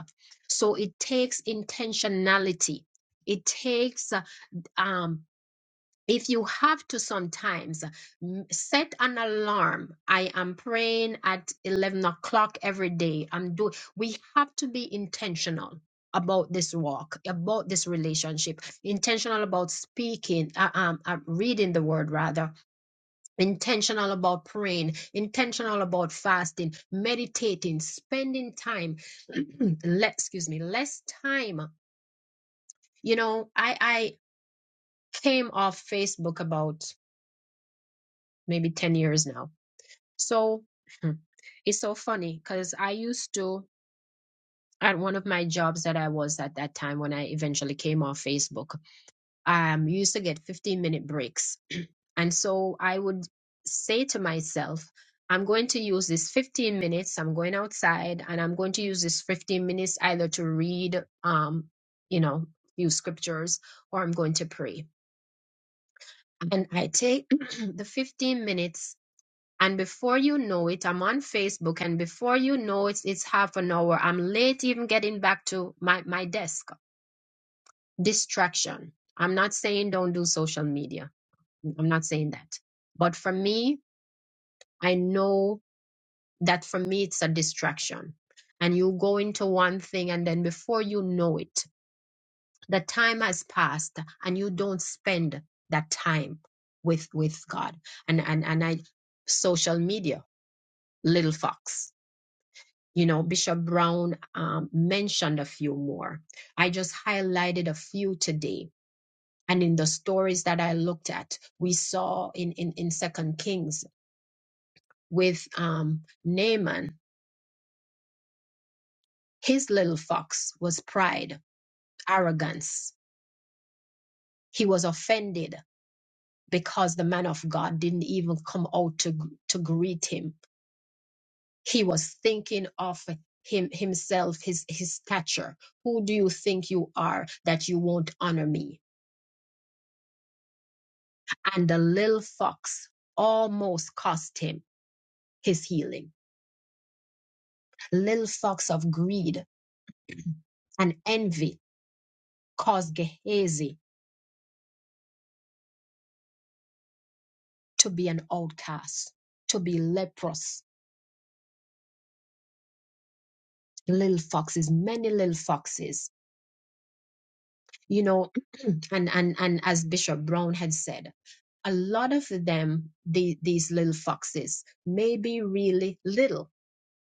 So it takes intentionality. It takes, uh, um, if you have to sometimes uh, m- set an alarm. I am praying at 11 o'clock every day. I'm doing, we have to be intentional about this walk, about this relationship, intentional about speaking, uh, um, uh, reading the word rather intentional about praying, intentional about fasting, meditating, spending time. let excuse me, less time. You know, I I came off Facebook about maybe 10 years now. So it's so funny because I used to at one of my jobs that I was at that time when I eventually came off Facebook. um, we used to get 15 minute breaks. And so I would say to myself, I'm going to use this 15 minutes. I'm going outside and I'm going to use this 15 minutes either to read, um, you know, few scriptures or I'm going to pray. And I take the 15 minutes and before you know it, I'm on Facebook and before you know it, it's half an hour. I'm late even getting back to my, my desk. Distraction. I'm not saying don't do social media I'm not saying that. But for me, I know that for me, it's a distraction. And you go into one thing, and then before you know it, the time has passed, and you don't spend that time with with God. And and and I, social media, little fox. You know, Bishop Brown um, mentioned a few more. I just highlighted a few today. And in the stories that I looked at, we saw in in in Second Kings with um, Naaman, his little fox was pride, arrogance. He was offended because the man of God didn't even come out to, to greet him. He was thinking of him himself, his his stature. Who do you think you are that you won't honor me? And the little fox almost cost him his healing. Little fox of greed and envy caused Gehazi to be an outcast, to be leprous, little foxes, many little foxes, you know, and and and as Bishop Brown had said, a lot of them, the, these little foxes, may be really little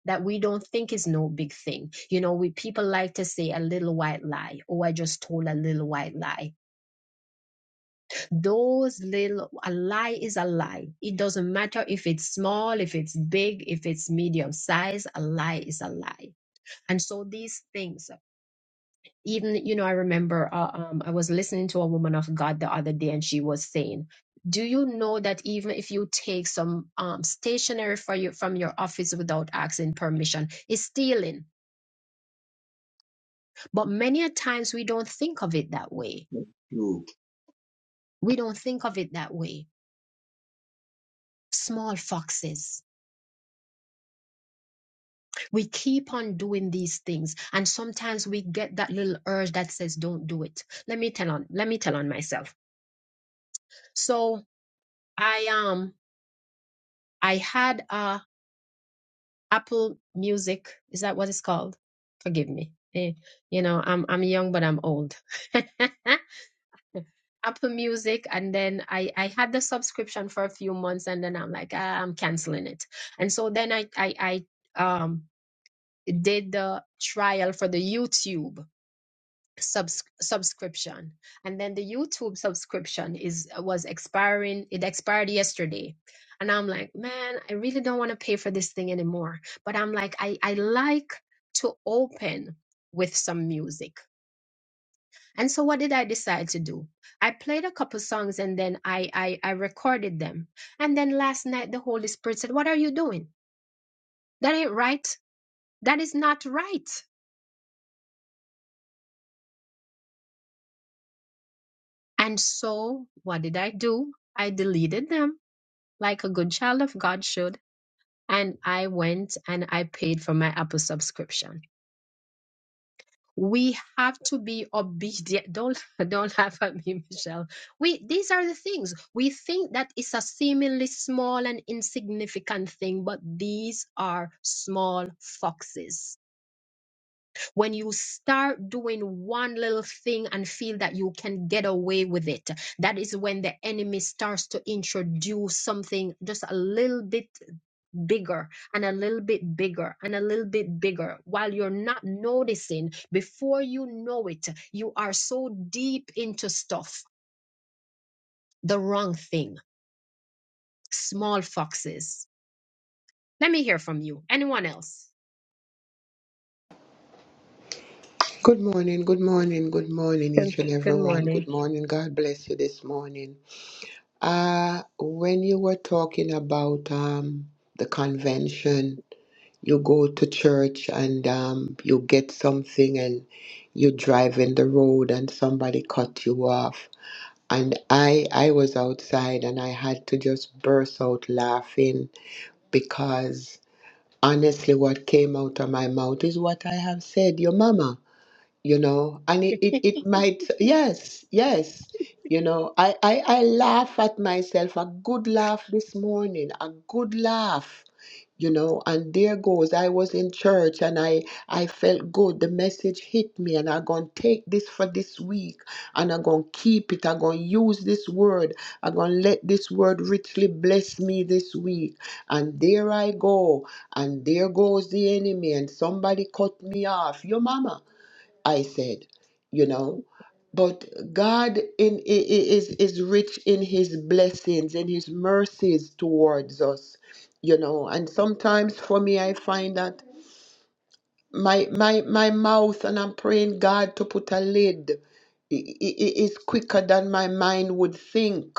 that we don't think is no big thing. You know, we people like to say a little white lie. Oh, I just told a little white lie. Those little a lie is a lie. It doesn't matter if it's small, if it's big, if it's medium size, a lie is a lie. And so these things, even, you know, I remember uh, um, I was listening to a woman of God the other day and she was saying, do you know that even if you take some um, stationery for you, from your office without asking permission, it's stealing? But many a times we don't think of it that way. Thank We don't think of it that way. Small foxes. We keep on doing these things. And sometimes we get that little urge that says, don't do it. Let me tell on, let me tell on myself. So I am. I had uh Apple Music. Is that what it's called? Forgive me. Eh, you know, I'm I'm young but I'm old. Apple Music, and then I I had the subscription for a few months, and then I'm like, ah, I'm canceling it. And so then I I I um did the trial for the YouTube subs- subscription and then the youtube subscription is was expiring it expired yesterday and i'm like man i really don't want to pay for this thing anymore but i'm like i i like to open with some music and so what did i decide to do i played a couple songs and then i i, I recorded them and then last night the holy spirit said what are you doing that ain't right that is not right and so what did i do i deleted them like a good child of God should. And I went and I paid for my Apple subscription. We have to be obedient. Don't don't laugh at me, Michelle. We these are the things we think that it's a seemingly small and insignificant thing, but these are small foxes. When you start doing one little thing and feel that you can get away with it, that is when the enemy starts to introduce something just a little bit bigger and a little bit bigger and a little bit bigger while you're not noticing before you know it you are so deep into stuff the wrong thing small foxes let me hear from you anyone else Good morning, good morning, good morning, good each and good everyone. morning Good morning. God bless you this morning. Uh, when you were talking about um, the convention, you go to church and um, you get something and you drive in the road and somebody cut you off. And I, I was outside and I had to just burst out laughing because honestly, what came out of my mouth is what I have said, your mama you know and it, it, it might yes yes you know I, I i laugh at myself a good laugh this morning a good laugh you know and there goes i was in church and i i felt good the message hit me and i'm gonna take this for this week and i'm gonna keep it i'm gonna use this word i'm gonna let this word richly bless me this week and there i go and there goes the enemy and somebody cut me off your mama I said, you know. But God in, i- i- is, is rich in his blessings and his mercies towards us, you know. And sometimes for me, I find that my, my, my mouth, and I'm praying God to put a lid, i- i- i- is quicker than my mind would think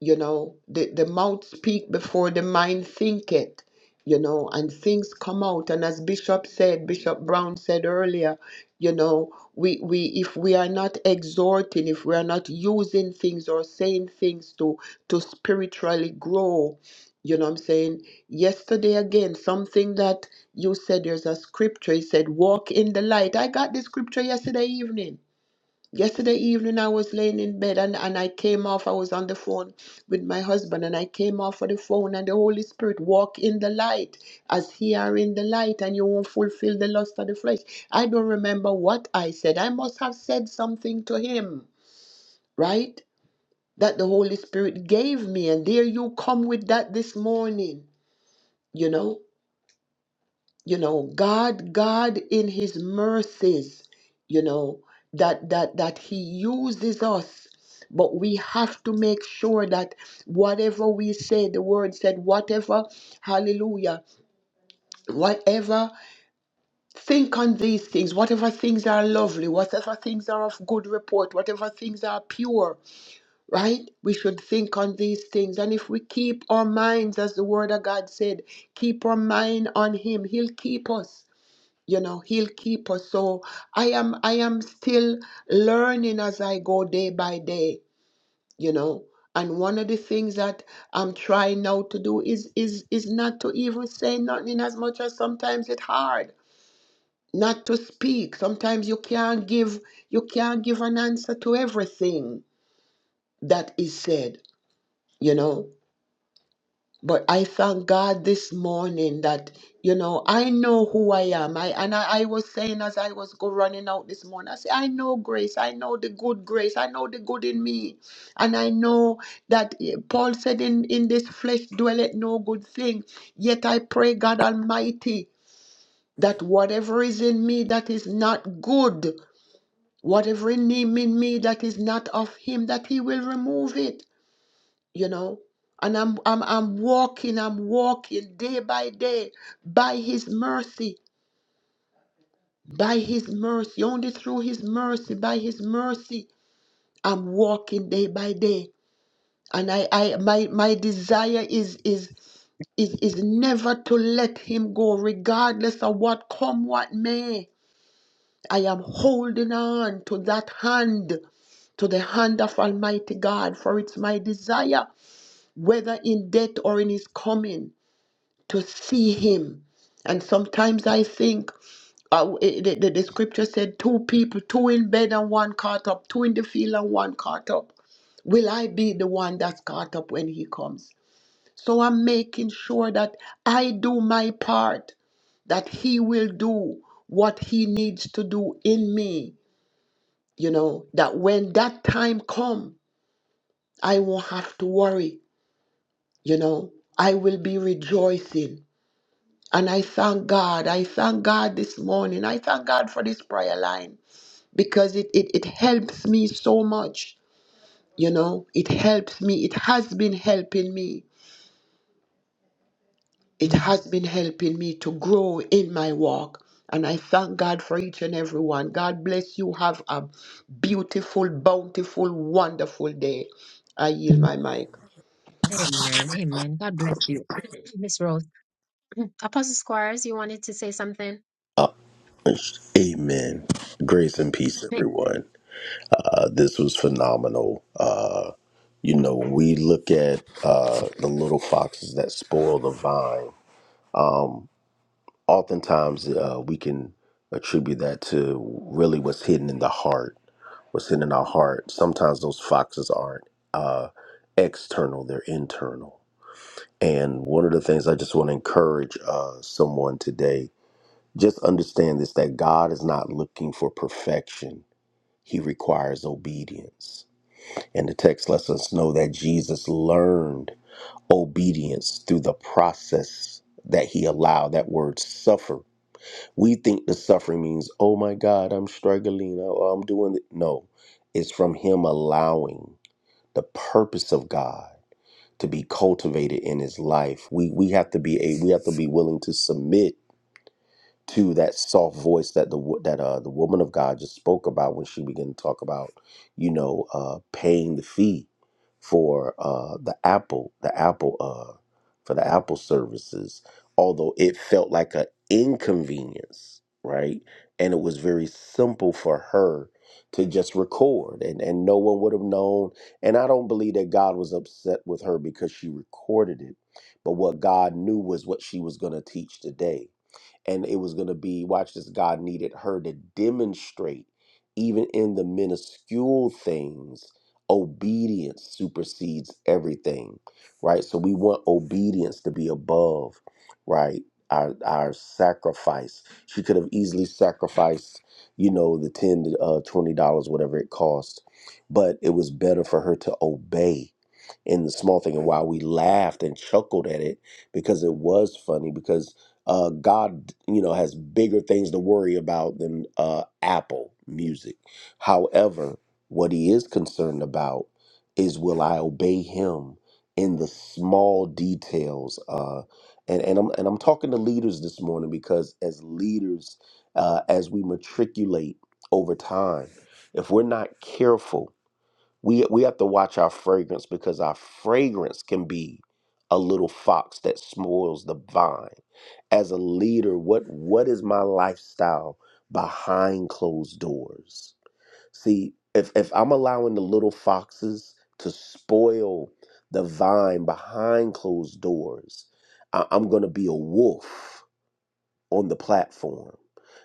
you know the, the mouth speak before the mind think it you know and things come out and as bishop said bishop brown said earlier you know we we if we are not exhorting if we are not using things or saying things to to spiritually grow you know what i'm saying yesterday again something that you said there's a scripture he said walk in the light i got this scripture yesterday evening Yesterday evening, I was laying in bed and, and I came off. I was on the phone with my husband and I came off of the phone. And the Holy Spirit, walk in the light as He are in the light, and you won't fulfill the lust of the flesh. I don't remember what I said. I must have said something to Him, right? That the Holy Spirit gave me. And there you come with that this morning, you know? you know god god in his mercies you know that that that he uses us but we have to make sure that whatever we say the word said whatever hallelujah whatever think on these things whatever things are lovely whatever things are of good report whatever things are pure right we should think on these things and if we keep our minds as the word of god said keep our mind on him he'll keep us you know he'll keep us so i am i am still learning as i go day by day you know and one of the things that i'm trying now to do is is is not to even say nothing as much as sometimes it's hard not to speak sometimes you can't give you can't give an answer to everything that is said you know But I thank God this morning that, you know, I know who I am. I and I, I was saying as I was go running out this morning, I say, I know grace, I know the good grace, I know the good in me. And I know that eh, Paul said in, in this flesh dwelleth no good thing. Yet I pray God Almighty that whatever is in me that is not good, whatever in me in me that is not of him, that he will remove it you know and I'm, I'm i'm walking i'm walking day by day by his mercy by his mercy only through his mercy by his mercy i'm walking day by day and i i my my desire is is is is never to let him go regardless of what come what may i am holding on to that hand to the hand of almighty god for it's my desire whether in death or in his coming to see him. And sometimes I think uh, it- the, the, the scripture said, two people, two in bed and one caught up, two in the field and one caught up. Will I be the one that's caught up when he comes? So I'm making sure that I do my part, that he will do what he needs to do in me, you know, that when that time come, I won't have to worry, you know, I will be rejoicing And I thank God. I thank God this morning. I thank God for this prayer line because it, it, it helps me so much. You know, it helps me. It has been helping me. It Amen. has been helping me to grow in my walk. And I thank God for each and every one. God bless you. Have a beautiful, bountiful, wonderful day. I yield my mic. Amen. Amen. God bless you, Miss Rose. Apostle Squires, you wanted to say something? Amen. Grace and peace, Amen. everyone. Uh, this was phenomenal. Uh, you know, when we look at uh, the little foxes that spoil the vine, oftentimes uh, we can attribute that to really what's hidden in the heart, what's hidden in our heart. Sometimes those foxes aren't uh, external, they're internal. And one of the things I just want to encourage uh, someone today just understand this that God is not looking for perfection. He requires obedience. And the text lets us know that Jesus learned obedience through the process that he allowed that word suffer. We think the suffering means, oh my God, I'm struggling, oh, I'm doing it. No, it's from him allowing the purpose of God to be cultivated in his life. We we have to be a we have to be willing to submit to that soft voice that the wo- that uh the woman of God just spoke about when she began to talk about, you know, uh paying the fee for uh the Apple the Apple uh for the Apple services, although it felt like an inconvenience, right? And it was very simple for her to just record and and no one would have known and I don't believe that God was upset with her because she recorded it. But what God knew was what she was going to teach today and it was going to be watch this god needed her to demonstrate even in the minuscule things obedience supersedes everything right so we want obedience to be above right our, our sacrifice she could have easily sacrificed you know the 10 uh, 20 dollars whatever it cost but it was better for her to obey in the small thing. And while we laughed and chuckled at it because it was funny, because uh, God, you know, has bigger things to worry about than uh, Apple Music. However, what He is concerned about is will I obey Him in the small details? Uh, and and I'm and I'm talking to leaders this morning because as leaders, uh, as we matriculate over time, if we're not careful we we have to watch our fragrance because our fragrance can be a little fox that spoils the vine as a leader what what is my lifestyle behind closed doors see if if i'm allowing the little foxes to spoil the vine behind closed doors I- i'm going to be a wolf on the platform.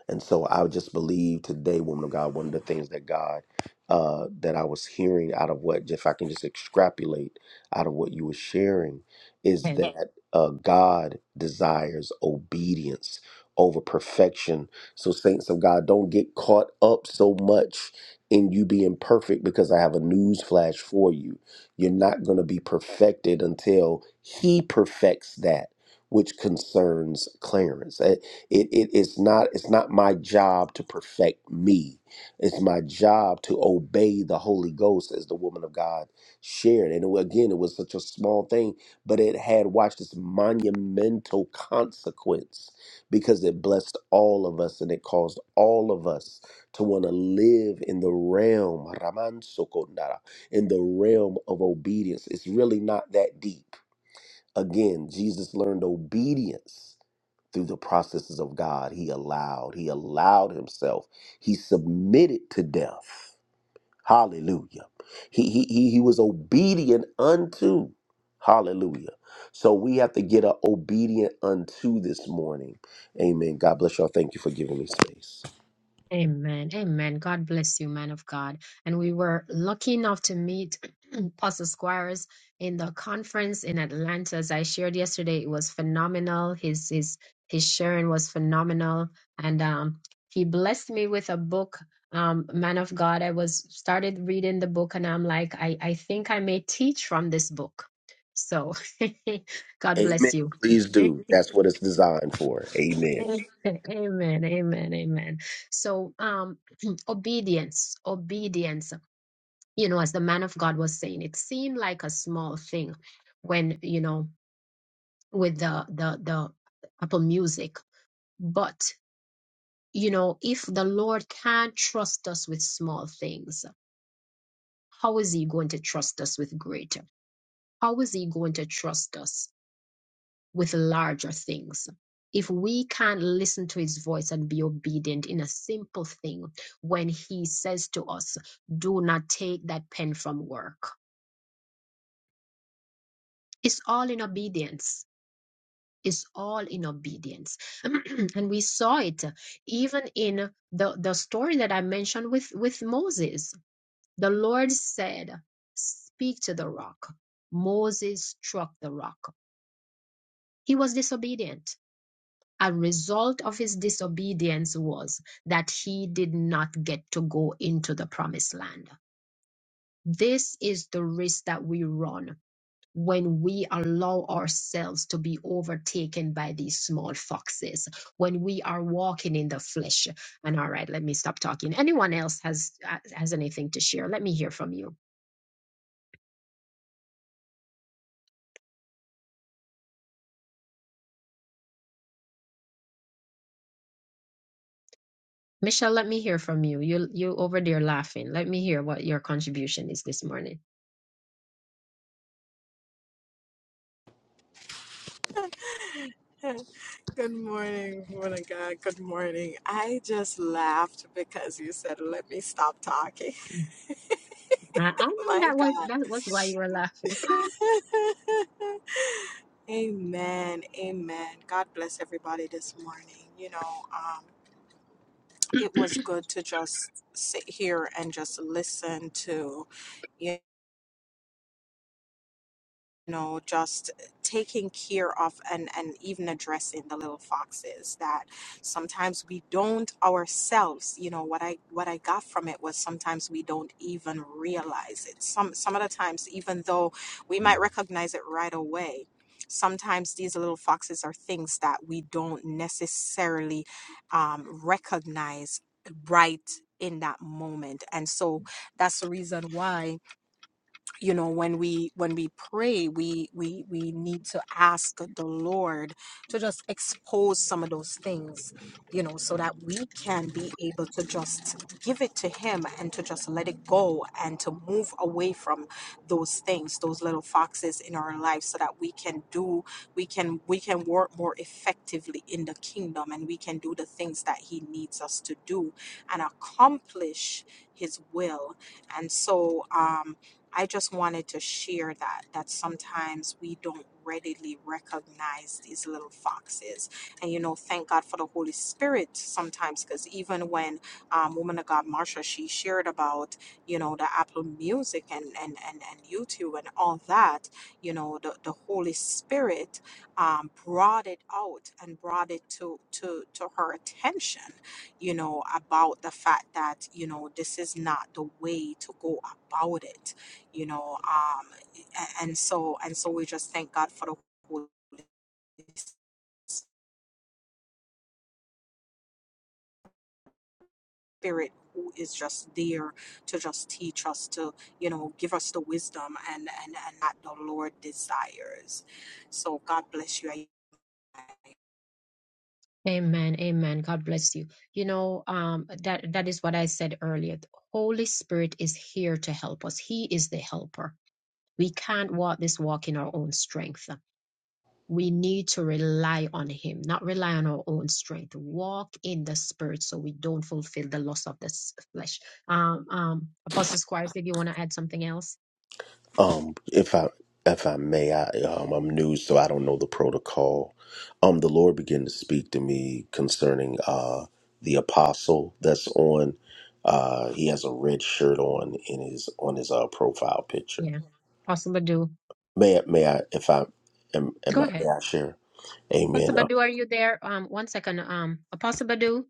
And so I just believe today, woman of God, one of the things that God, uh, that I was hearing out of what, if I can just extrapolate out of what you were sharing, is Mm. that uh, God desires obedience over perfection. So, saints of God, don't get caught up so much in you being perfect because I have a news flash for you. You're not going to be perfected until He perfects that which concerns Clarence. Eh, it, it is not it's not my job to perfect me it's my job to obey the holy ghost as the woman of god shared and it again it was such a small thing but it had watched this monumental consequence because it blessed all of us and it caused all of us to want to live in the realm raman sokondara in the realm of obedience it's really not that deep again jesus learned obedience through the processes of God. He allowed, he allowed himself. He submitted to death. Hallelujah. He he he, he was obedient unto. Hallelujah. So we have to get a obedient unto this morning. Amen. God bless y'all. Thank you for giving me space. Amen. Amen. God bless you, man of God. And we were lucky enough to meet Pastor Squires in the conference in Atlanta. As I shared yesterday, it was phenomenal. His his his sharing was phenomenal. And um he blessed me with a book, um, Man of God. I was started reading the book and I'm like, I, I think I may teach from this book. So God Amen. bless you. Please do. That's what it's designed for. Amen. Amen, amen, amen. So, um, obedience, obedience, you know, as the man of God was saying, it seemed like a small thing when, you know, with the, the, the Apple Music. But, you know, if the Lord can't trust us with small things, how is he going to trust us with greater? How is he going to trust us? with larger things. If we can't listen to his voice and be obedient in a simple thing, when he says to us, do not take that pen from work, it's all in obedience. It's all in obedience. and we saw it even in the, the story that I mentioned with, with Moses. The Lord said, Speak to the rock. Moses struck the rock. He was disobedient A result of his disobedience was that he did not get to go into the promised land. This is the risk that we run when we allow ourselves to be overtaken by these small foxes, when we are walking in the flesh. And all right, let me stop talking. Anyone else has uh, has anything to share? Let me hear from you. Michelle, let me hear from you. You you over there laughing. Let me hear what your contribution is this morning. Good morning, woman of God. Good morning. I just laughed because you said, let me stop talking. Mm-hmm. I, I know My that was God. that was why you were laughing. amen. Amen. God bless everybody this morning. You know, um, it was good to just sit here and just listen to, you you know just taking care of and and even addressing the little foxes that sometimes we don't ourselves you know what i what i got from it was sometimes we don't even realize it some some of the times even though we might recognize it right away sometimes these little foxes are things that we don't necessarily um, recognize right in that moment and so that's the reason why you know when we when we pray we we we need to ask the lord to just expose some of those things you know so that we can be able to just give it to him and to just let it go and to move away from those things those little foxes in our life so that we can do we can we can work more effectively in the kingdom and we can do the things that he needs us to do and accomplish his will and so um I just wanted to share that that sometimes we don't readily recognize these little foxes, and you know, thank God for the Holy Spirit sometimes, because even when um, woman of God Marsha she shared about you know the Apple Music and and and, and YouTube and all that, you know, the, the Holy Spirit um, brought it out and brought it to to to her attention, you know, about the fact that you know this is not the way to go about it you know um a- and so and so we just thank god for the holy spirit who is just there to just teach us to you know give us the wisdom and and and that the lord desires so god bless you I- Amen. Amen. God bless you. You know, um that that is what I said earlier. The Holy Spirit is here to help us. He is the helper. We can't walk this walk in our own strength. We need to rely on Him, not rely on our own strength. Walk in the Spirit so we don't fulfill the lust of the s- flesh. Um, um, Apostle Squires, did you want to add something else? Um, if I if I may, I um, I'm new, so I don't know the protocol. Um, the Lord began to speak to me concerning uh the apostle that's on. Uh, he has a red shirt on in his on his uh profile picture. Yeah. Apostle Badu, May I- may I if I am am go I may ahead. I share? Apostle Amen. Uh, Badu, are you there? Um, one second. Um, Apostle Badu,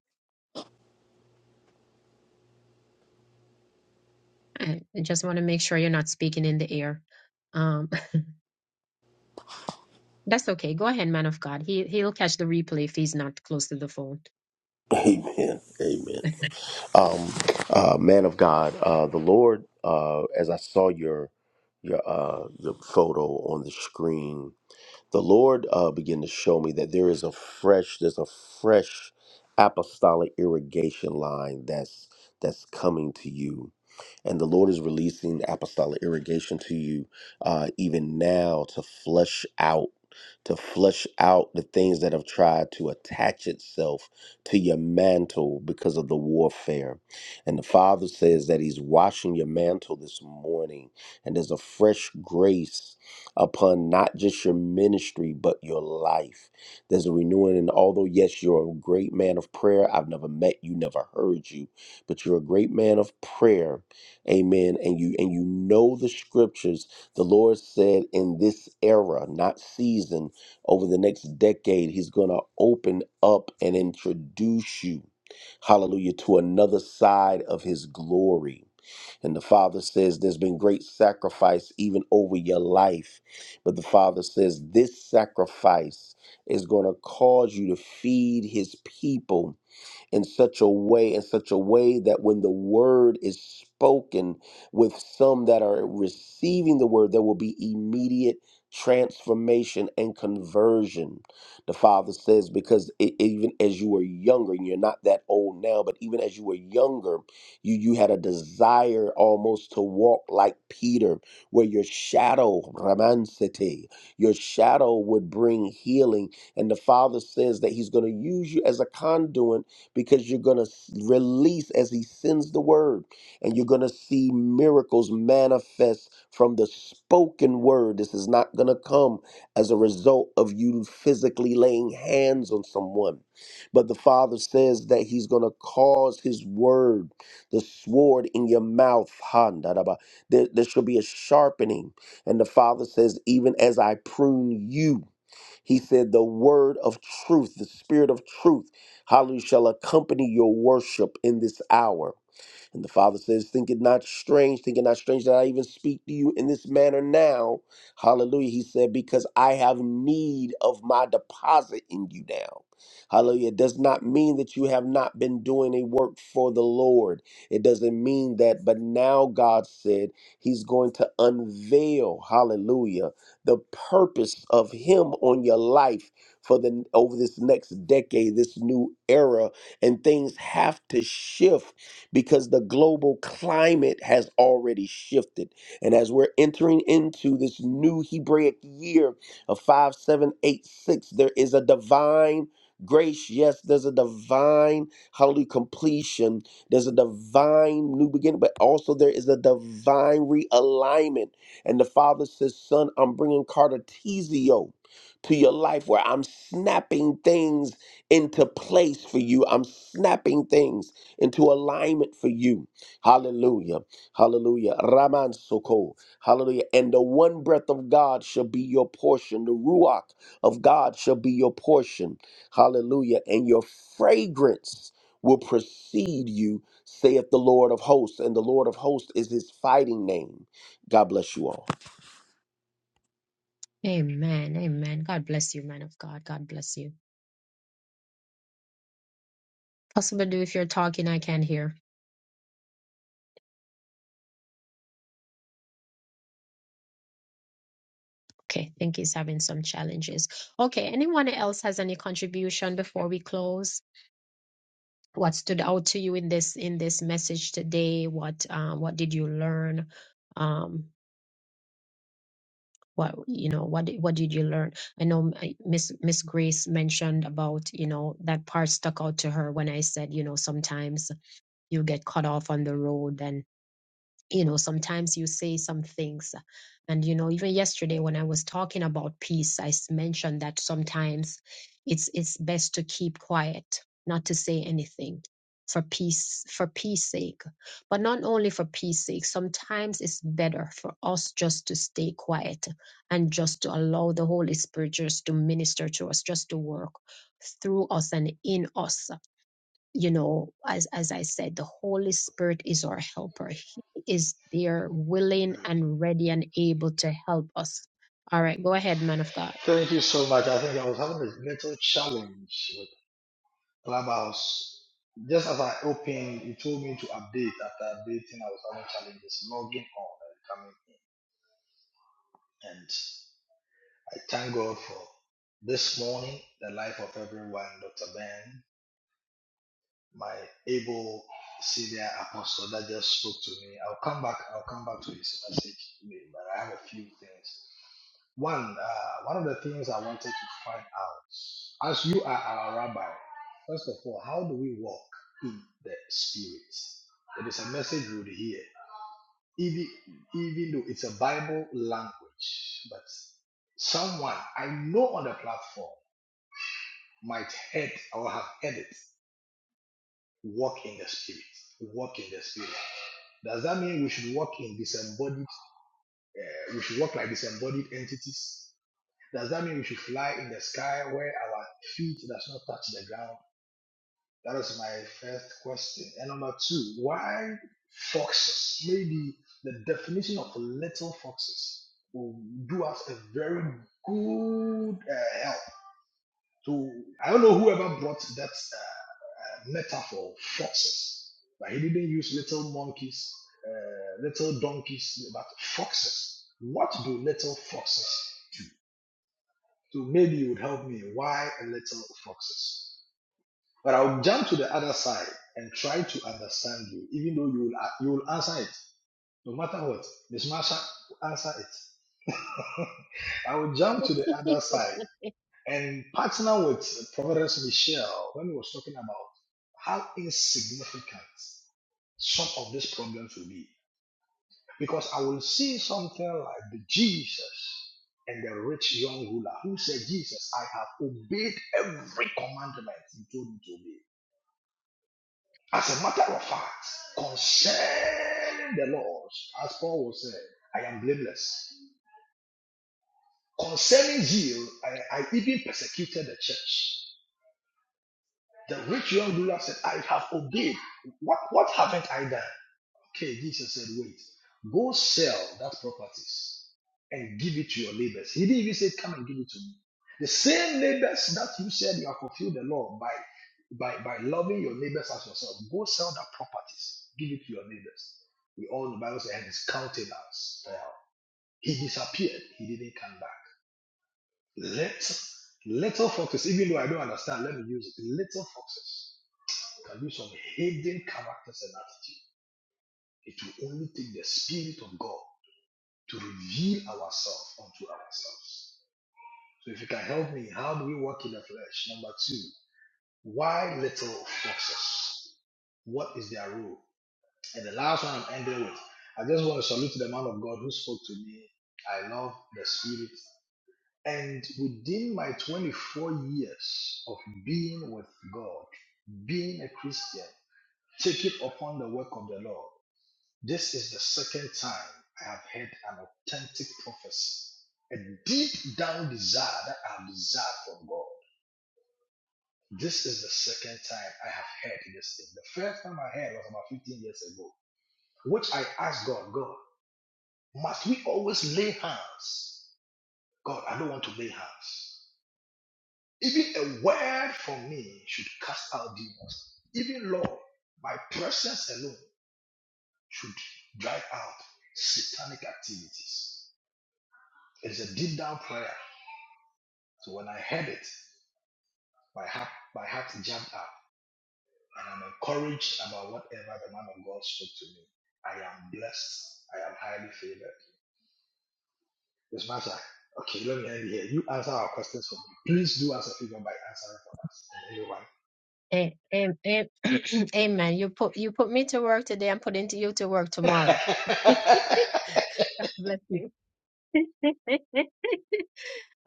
I I just want to make sure you're not speaking in the air. Um, That's okay. Go ahead, man of God. He he'll catch the replay if he's not close to the phone. amen. Amen. Um, uh, man of God, uh, the Lord, uh, as I saw your your uh your photo on the screen, the Lord uh, began to show me that there is a fresh, there's a fresh apostolic irrigation line that's that's coming to you, and the Lord is releasing apostolic irrigation to you uh, even now to flush out. To flush out the things that have tried to attach itself to your mantle because of the warfare. And the Father says that He's washing your mantle this morning, and there's a fresh grace upon not just your ministry, but your life. There's a renewing. And although, yes, you're a great man of prayer, I've never met you, never heard you, but you're a great man of prayer. Amen. And you and you know the scriptures. The Lord said in this era, not season, over the next decade, He's gonna open up and introduce you, hallelujah, to another side of his glory. And the Father says, There's been great sacrifice even over your life. But the Father says, This sacrifice is going to cause you to feed His people in such a way, in such a way that when the word is spoken with some that are receiving the word, there will be immediate transformation and conversion. The Father says, because e- even as you were younger, and you're not that old now, but even as you were younger, you, you had a desire almost to walk like Peter, where your shadow, Ramansete, your shadow would bring healing. And the Father says that He's going to use you as a conduit because you're going to release as he sends the word and you're going to see miracles manifest from the spoken word. This is not going to come as a result of you physically laying hands on someone. But the Father says that he's going to cause his word, the sword in your mouth. Han, da, da, ba. There, there shall be a sharpening. And the Father says, even as I prune you. He said, The word of truth, the spirit of truth, hallelujah, shall accompany your worship in this hour. And the Father says, Think it not strange, think it not strange that I even speak to you in this manner now. Hallelujah. He said, Because I have need of my deposit in you now. Hallelujah. It does not mean that you have not been doing a work for the Lord. It doesn't mean that, but now God said He's going to unveil, hallelujah, the purpose of Him on your life for the over this next decade, this new era, and things have to shift because the global climate has already shifted. And as we're entering into this new Hebraic year of 5786, there is a divine grace. Yes, there's a divine, holy completion. There's a divine new beginning, but also there is a divine realignment. And the Father says, Son, I'm bringing Cartesio to your life where I'm snapping things into place for you. I'm snapping things into alignment for you. Hallelujah. Hallelujah. Raman Soko. Hallelujah. And the one breath of God shall be your portion. The Ruach of God shall be your portion. Hallelujah. And your fragrance will precede you, saith the Lord of hosts. And the Lord of hosts is his fighting name. God bless you all. Amen. Amen. God bless you, man of God. God bless you. Possible do if you're talking, I can't hear. Okay, I think he's having some challenges. Okay, anyone else has any contribution before we close? What stood out to you in this in this message today? What uh, what did you learn? Um, what you know what did- what did you learn i know m- I- miss miss grace mentioned about you know that part stuck out to her when i said you know sometimes you get cut off on the road and you know sometimes you say some things and you know even yesterday when i was talking about peace i s- mentioned that sometimes it's it's best to keep quiet not to say anything for peace for peace sake but not only for peace sake sometimes it's better for us just to stay quiet and just to allow the holy spirit just to minister to us just to work through us and in us you know, as, as I said, the Holy Spirit is our helper. He is there willing and ready and able to help us. All right, go ahead, man of God. Thank you so much. I think I was having a little challenge with Clubhouse. Just as I opened, it told me to update. After updating, I was having challenges logging on and coming in. And I thank God for this morning, the life of everyone, Dr. Ben. my able senior apostle that just spoke to me. I'll come back. I'll come back to his message, but I have a few things. One, uh, one of the things I wanted to find out, as you are our rabbi, first of all, how do we walk in the spirit? It is a message you would hear, even even though it's a Bible language, but someone I know on the platform might head or have heard it Walk in the spirit. Walk in the spirit. Does that mean we should walk in disembodied? Uh, we should walk like disembodied entities. Does that mean we should fly in the sky where our feet does not touch the ground? That is my first question. And number two, why foxes? Maybe the definition of little foxes will do us a very good uh, help to I don't know whoever brought that metaphor, of foxes. But he didn't use little monkeys, uh, little donkeys, but foxes. What do little foxes do? Maybe you would help me. Why little foxes? But I'll jump to the other side and try to understand you, even though you will, you will answer it. No matter what, Miss Marsha, will answer it. I will jump to the other side and partner with Providence Michelle when he was talking about how insignificant some of these problems will be. Because I will see something like the Jesus and the rich young ruler who said, Jesus, I have obeyed every commandment you told me to obey. As a matter of fact, concerning the laws, as Paul was saying, I am blameless. Concerning zeal, I, I even persecuted the church. The rich young ruler said, I have obeyed. What, what haven't I done? Okay, Jesus said, wait, go sell that properties and give it to your neighbors. He didn't even say, come and give it to me. The same neighbors that you said you have fulfilled the law by, by, by loving your neighbors as yourself, go sell that properties, give it to your neighbors. We all know the Bible says, and his countenance fell. He disappeared. He didn't come back. Let little foxes, even though I don't understand, let me use it. Little foxes can do some hidden characters and attitude. It will only take the spirit of God to reveal ourselves unto ourselves. So if you can help me, how do we walk in the flesh? Number two, why little foxes? What is their role? And the last one I'm ending with, I just want to salute the man of God who spoke to me. I love the spirit. And within my 24 years of being with God, being a Christian, take it upon the work of the Lord. This is the second time I have heard an authentic prophecy, a deep down desire that I have desired from God. This is the second time I have heard this thing. The first time I heard was about 15 years ago, which I asked God, God, must we always lay hands? God, I don't want to lay hands. Even a word from me should cast out demons. Even Lord, my presence alone should drive out satanic activities. It's a deep down prayer. So when I heard it, my heart, my heart jumped up and I'm encouraged about whatever the man of God spoke to me. I am blessed. I am highly favored. Miss Master, okay, let me end here. You answer our questions for me. Please do us a favor by answering for A- am- am- Amen. You put you put me to work today. I'm putting to you to work tomorrow. us and everyone. Bless you.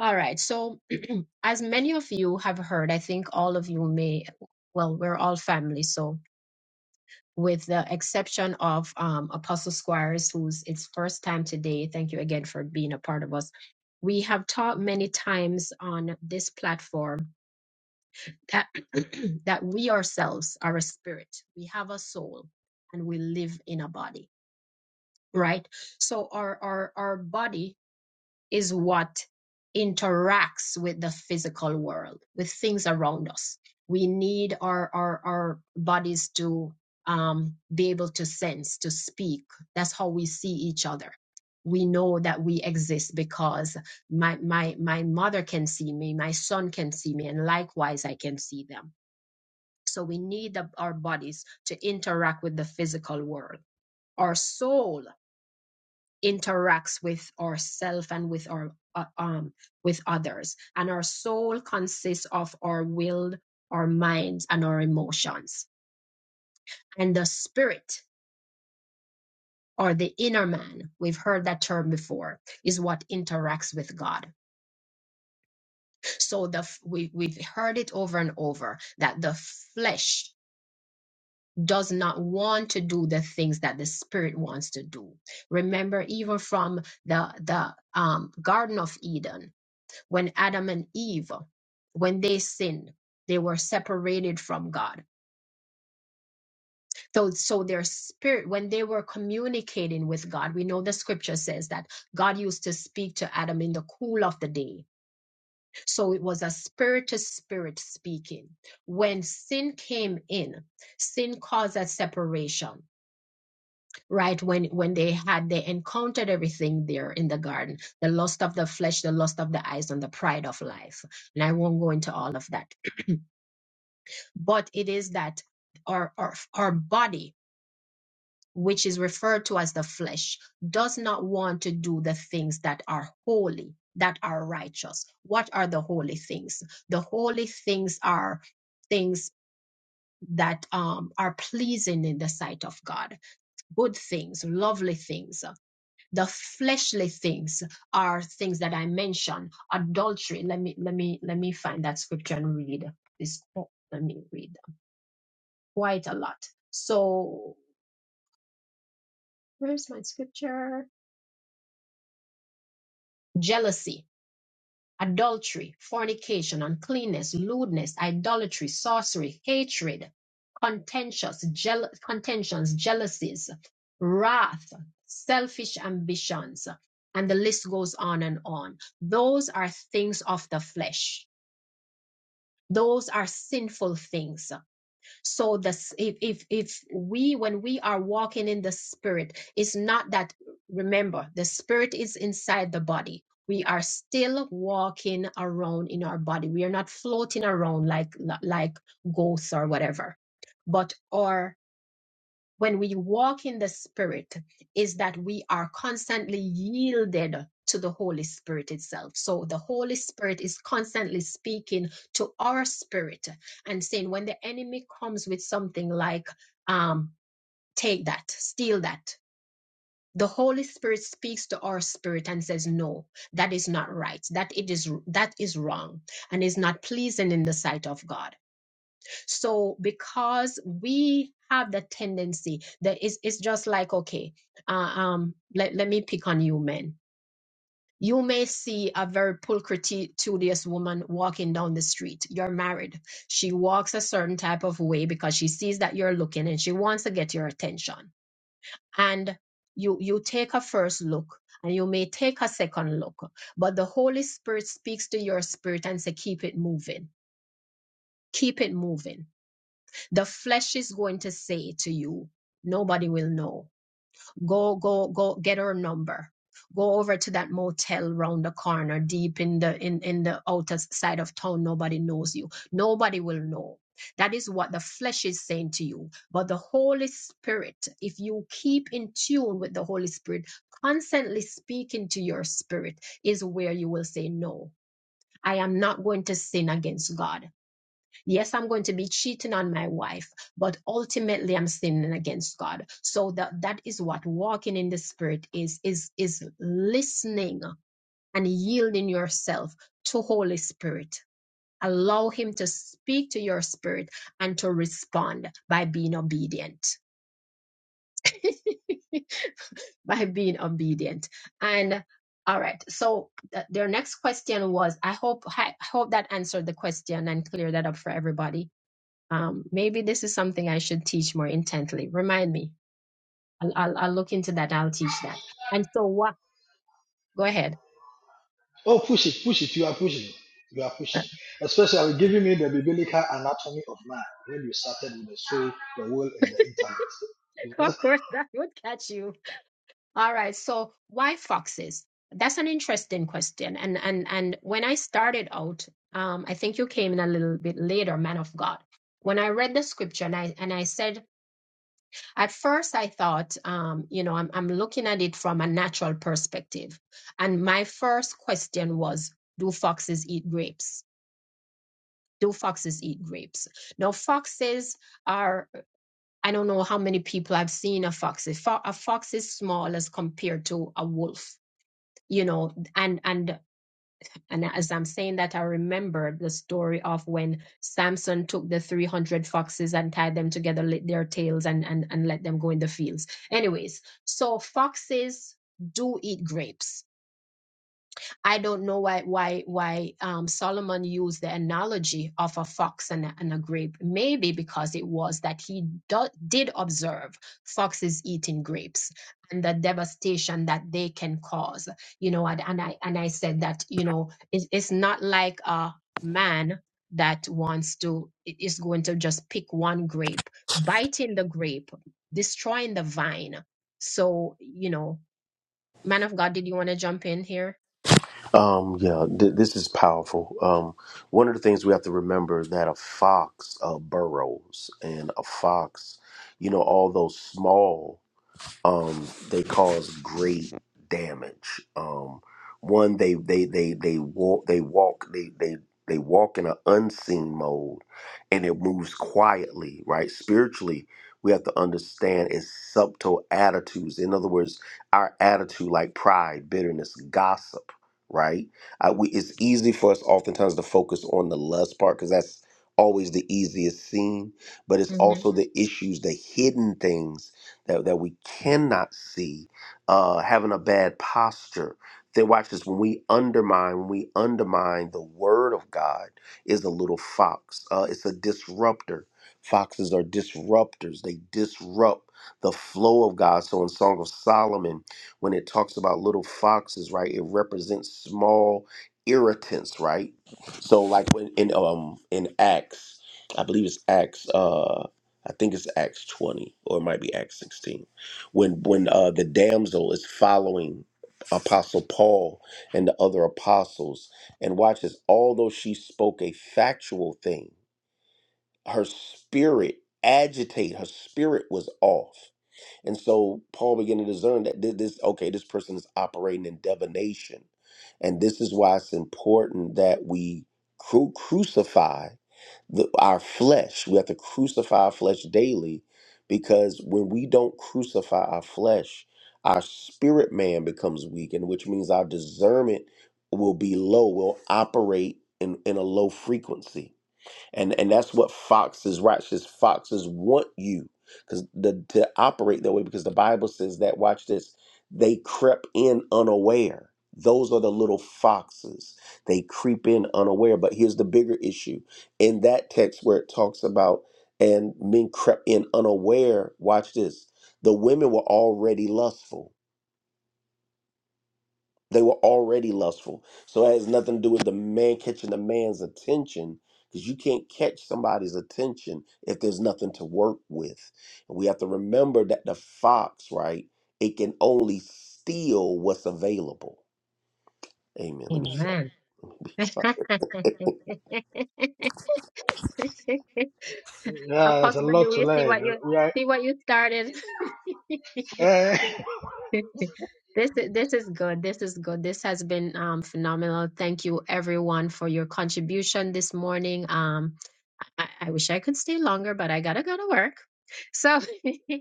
All right. So, as many of you have heard, I think all of you may. Well, we're all family, so with the exception of um, Apostle Squires, who's its first time today. Thank you again for being a part of us. We have taught many times on this platform that that we ourselves are a spirit. We have a soul, and we live in a body. Right. So our our our body is what interacts with the physical world, with things around us. We need our our, our bodies to um, be able to sense, to speak. That's how we see each other. We know that we exist because my my my mother can see me, my son can see me, and likewise I can see them. So we need the, our bodies to interact with the physical world. Our soul interacts with ourself and with our uh, um with others and our soul consists of our will our minds and our emotions and the spirit or the inner man we've heard that term before is what interacts with god so the f- we, we've heard it over and over that the flesh does not want to do the things that the spirit wants to do remember even from the the um, garden of eden when Adam and Eve, when they sinned, they were separated from God. So, so their spirit, when they were communicating with God, we know the scripture says that God used to speak to Adam in the cool of the day. So it was a spirit to spirit speaking. When sin came in, sin caused a separation, right? When when they had they encountered everything there in the garden, the lust of the flesh, the lust of the eyes, and the pride of life. And I won't go into all of that but it is that our, our our body which is referred to as the flesh does not want to do the things that are holy that are righteous what are the holy things the holy things are things that um, are pleasing in the sight of god good things lovely things the fleshly things are things that i mentioned adultery let me let me let me find that scripture and read this quote. let me read quite a lot. So, where's my scripture? Jealousy, adultery, fornication, uncleanness, lewdness, idolatry, sorcery, hatred, contentious, jeal- contentions, jealousies, wrath, selfish ambitions, and the list goes on and on. Those are things of the flesh. Those are sinful things. so this if if if we when we are walking in the spirit it's not that remember the spirit is inside the body we are still walking around in our body we are not floating around like like ghosts or whatever but our when we walk in the spirit is that we are constantly yielded to the holy spirit itself so the holy spirit is constantly speaking to our spirit and saying when the enemy comes with something like um take that steal that the holy spirit speaks to our spirit and says no that is not right that it is that is wrong and is not pleasing in the sight of god so because we have the tendency that it's, it's just like, okay, uh, um, let, let me pick on you, men. You may see a very pulchritudious woman walking down the street. You're married. She walks a certain type of way because she sees that you're looking and she wants to get your attention. And you you take a first look and you may take a second look, but the Holy Spirit speaks to your spirit and say, keep it moving. Keep it moving The flesh is going to say to you, nobody will know. Go, go, go, get her number. Go over to that motel round the corner, deep in the in, in the outer side of town. Nobody knows you. Nobody will know. That is what the flesh is saying to you. But the Holy Spirit, if you keep in tune with the Holy Spirit, constantly speaking to your spirit, is where you will say, No, I am not going to sin against God. Yes, I'm going to be cheating on my wife, but ultimately I'm sinning against God. So that that is what walking in the spirit is is is listening and yielding yourself to Holy Spirit. Allow him to speak to your spirit and to respond by being obedient. by being obedient. And all right, so th- their next question was I hope I hope that answered the question and cleared that up for everybody um, maybe this is something I should teach more intently. Remind me. I'll, I'll, I'll look into that. I'll teach that. And so what? Go ahead. oh, push it, push it. You are pushing. You are pushing. Especially giving me the biblical anatomy of man when you started with the soul, the will, and the intellect. That's, of course, that would catch you. All right. So why foxes? That's an interesting question. And and and when I started out, um, I think you came in a little bit later, man of God. When I read the scripture and I and I said at first I thought, um, you know, I'm I'm looking at it from a natural perspective, and my first question was, do foxes eat grapes? Do foxes eat grapes? Now, foxes are, I don't know how many people I've seen a fox. A, fox is small as compared to a wolf, you know. And, and, and as I'm saying that, I remember the story of when Samson took the 300 foxes and tied them together, lit their tails, and, and, and let them go in the fields. Anyways, so foxes do eat grapes I don't know why why why um, Solomon used the analogy of a fox and a, and a grape. Maybe because it was that he do, did observe foxes eating grapes and the devastation that they can cause. You know, and, and I and I said that you know it's, it's not like a man that wants to i- is going to just pick one grape, biting the grape, destroying the vine. So you know, man of God, did you want to jump in here? Um, yeah, th- this is powerful. Um, one of the things we have to remember is that a fox uh, burrows, and a fox, you know, although small um, they cause great damage. Um, one, they they they they walk they walk they they they walk in an unseen mode, and it moves quietly. Right, spiritually, we have to understand its subtle attitudes. In other words, our attitude, like pride, bitterness, gossip. Right, I, we, it's easy for us oftentimes to focus on the lust part because that's always the easiest scene, but it's Mhm. also the issues, the hidden things that, that we cannot see, uh, having a bad posture. Then watch this. When we undermine, when we undermine the word of God, is a little fox. Uh, it's a disruptor. Foxes are disruptors. They disrupt the flow of God. So in Song of Solomon, when it talks about little foxes, right, it represents small irritants, right? So like when in um in Acts, I believe it's Acts. Uh, I think it's Acts 20 or it might be Acts 16 when when uh, the damsel is following apostle Paul and the other apostles and watches although she spoke a factual thing her spirit agitate her spirit was off and so Paul began to discern that thi- this, okay, this person is operating in divination. And this is why it's important that we cru- crucify the, our flesh. We have to crucify our flesh daily because when we don't crucify our flesh, our spirit man becomes weak, and which means our discernment will be low, will operate in, in a low frequency and and that's what foxes righteous foxes want you because the to operate that way because the bible says that watch this they crept in unaware those are the little foxes they creep in unaware but here's the bigger issue in that text where it talks about and men crept in unaware watch this the women were already lustful they were already lustful. So it has nothing to do with the man catching the man's attention because you can't catch somebody's attention if there's nothing to work with. And we have to remember that the fox, right, it can only steal what's available. Amen. Let me shut Amen. up. Yeah, there's a Apostle lot do to you see learn. what and you we are. see what you started? Eh, This is this is good. This is good. This has been um phenomenal. Thank you everyone for your contribution this morning. Um I, I wish I could stay longer, but I gotta go to work. So,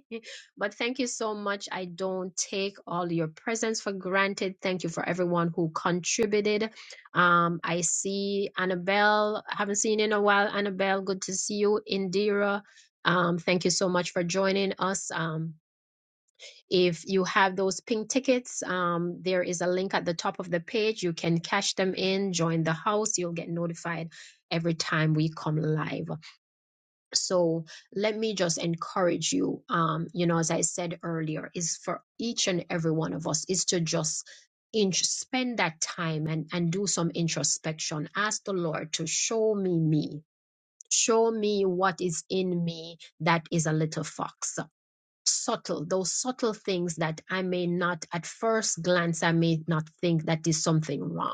but thank you so much. I don't take all your presence for granted. Thank you for everyone who contributed. Um, I see Annabelle. I haven't seen you in a while. Annabelle, good to see you. Indira, um, thank you so much for joining us. Um, if you have those pink tickets, um, there is a link at the top of the page. You can cash them in, join the house. You'll get notified every time we come live so let me just encourage you um you know as i said earlier is for each and every one of us is to just int- spend that time and and do some introspection ask the lord to show me me show me what is in me that is a little fox subtle those subtle things that i may not at first glance i may not think that is something wrong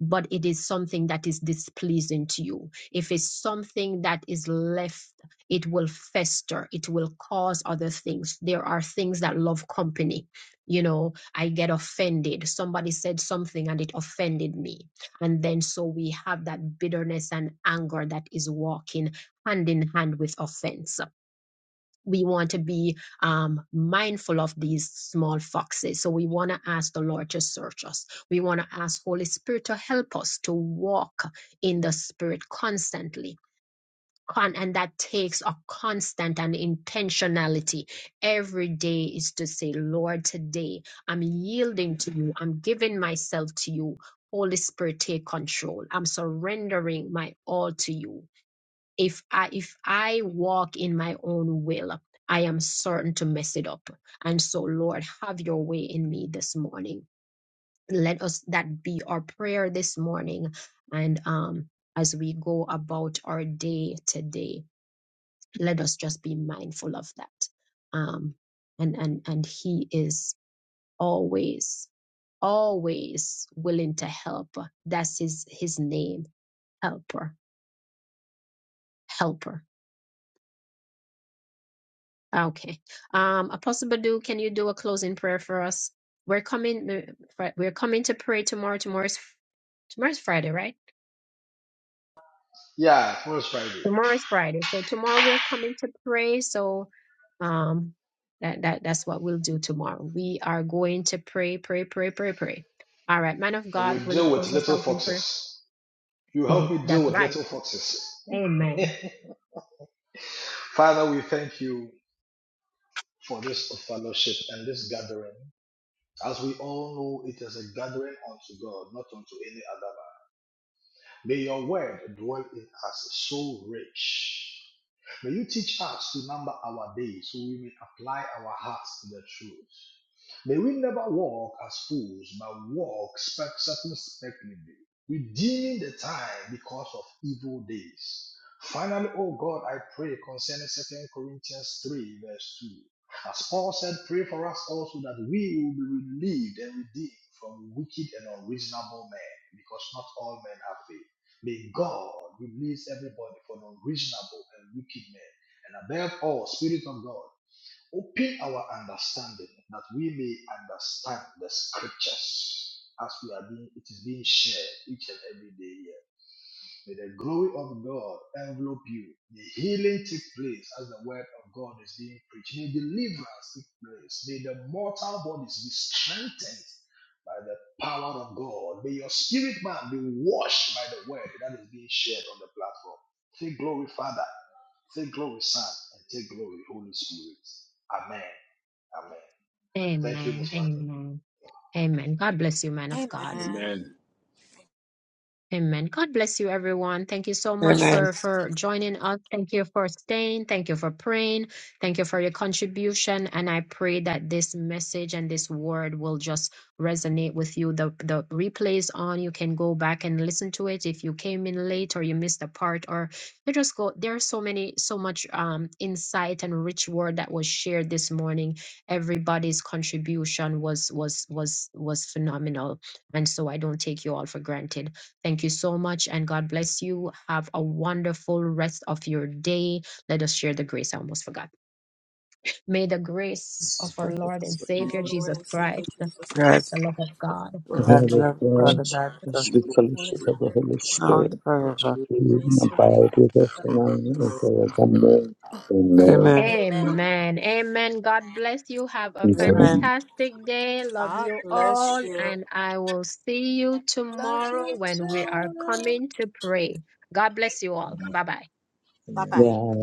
but it is something that is displeasing to you. If it's something that is left, it will fester, it will cause other things. There are things that love company. You know, I get offended. Somebody said something and it offended me. And then so we have that bitterness and anger that is walking hand in hand with offense we want to be um, mindful of these small foxes. So we want to ask the Lord to search us. We want to ask Holy Spirit to help us to walk in the Spirit constantly. Con- and that takes a constant and intentionality. Every day is to say, Lord, today I'm yielding to you. I'm giving myself to you. Holy Spirit, take control. I'm surrendering my all to you if i if i walk in my own will i am certain to mess it up and so lord have your way in me this morning let us that be our prayer this morning and um as we go about our day today let us just be mindful of that um and and and he is always always willing to help that's his his name helper helper Okay. Um, Apostle Badu, can you do a closing prayer for us? We're coming. We're coming to pray tomorrow. Tomorrow's tomorrow's Friday, right? yeah, tomorrow Friday. Tomorrow is Friday, so tomorrow we're coming to pray. So um, that that that's what we'll do tomorrow. We are going to pray, pray, pray, pray, pray. All right, man of And God, we'll will you deal with close us little out in prayer? foxes. You Yeah, help me deal that's with right. little foxes. Amen. Father, we thank you for this fellowship and this gathering. As we all know, it is a gathering unto God, not unto any other May your word dwell in us so rich. May you teach us to number our days so we may apply our hearts to the truth. May we never walk as fools, but walk circum- circumspectly, redeeming the time because of evil days. Finally, O God, I pray concerning Second Corinthians 3, verse 2. As Paul said, pray for us also that we will be relieved and redeemed from wicked and unreasonable men, because not all men have faith. May God release everybody from unreasonable and wicked men, and above all, Spirit of God, open our understanding that we may understand the scriptures as we are being it is being shared each and every day here. May the glory of God envelop you. May healing take place as the word of God is being preached. May deliverance take place. May the mortal bodies be strengthened by the power of God. May your spirit man be washed by the word that is being shared on the platform. Take glory, Father. Take glory, Son. And take glory, Holy Spirit. Amen. Amen. Thank you, Amen. Muslim. Amen. Amen. God bless you, man of God. amen Amen. Amen. God bless you, everyone. Thank you so much Amen. for for joining us. Thank you for staying. Thank you for praying. Thank you for your contribution. And I pray that this message and this word will just resonate with you. The the replays on. You can go back and listen to it if you came in late or you missed a part or you just go. There's so many, so much um insight and rich word that was shared this morning. Everybody's contribution was was was was phenomenal. And so I don't take you all for granted. Thank you so much, and God bless you. Have a wonderful rest of your day. Let us share the grace. I almost forgot. May the grace of Jesus, our Lord and for From Jesus Savior the lord Jesus and savior Christ, the jesus God, christ love of of God, The God, love love God, of god love for God, God, and God, the the God, Son of sweet fellowship the of the holy fellowship Spirit, of the spirit Holy known Spirit, for forever. Jesus, be with and grace right remain abide with and us abide now with and now, us. and forever. forevermore. Amen. Amen. amen Amen. Amen. God bless you. Have a Amen. Amen. fantastic day. Love god you bless all. you And I will see you love tomorrow you when we are too coming to pray. God bless you all. Bye bye. bye Amen. bye Well,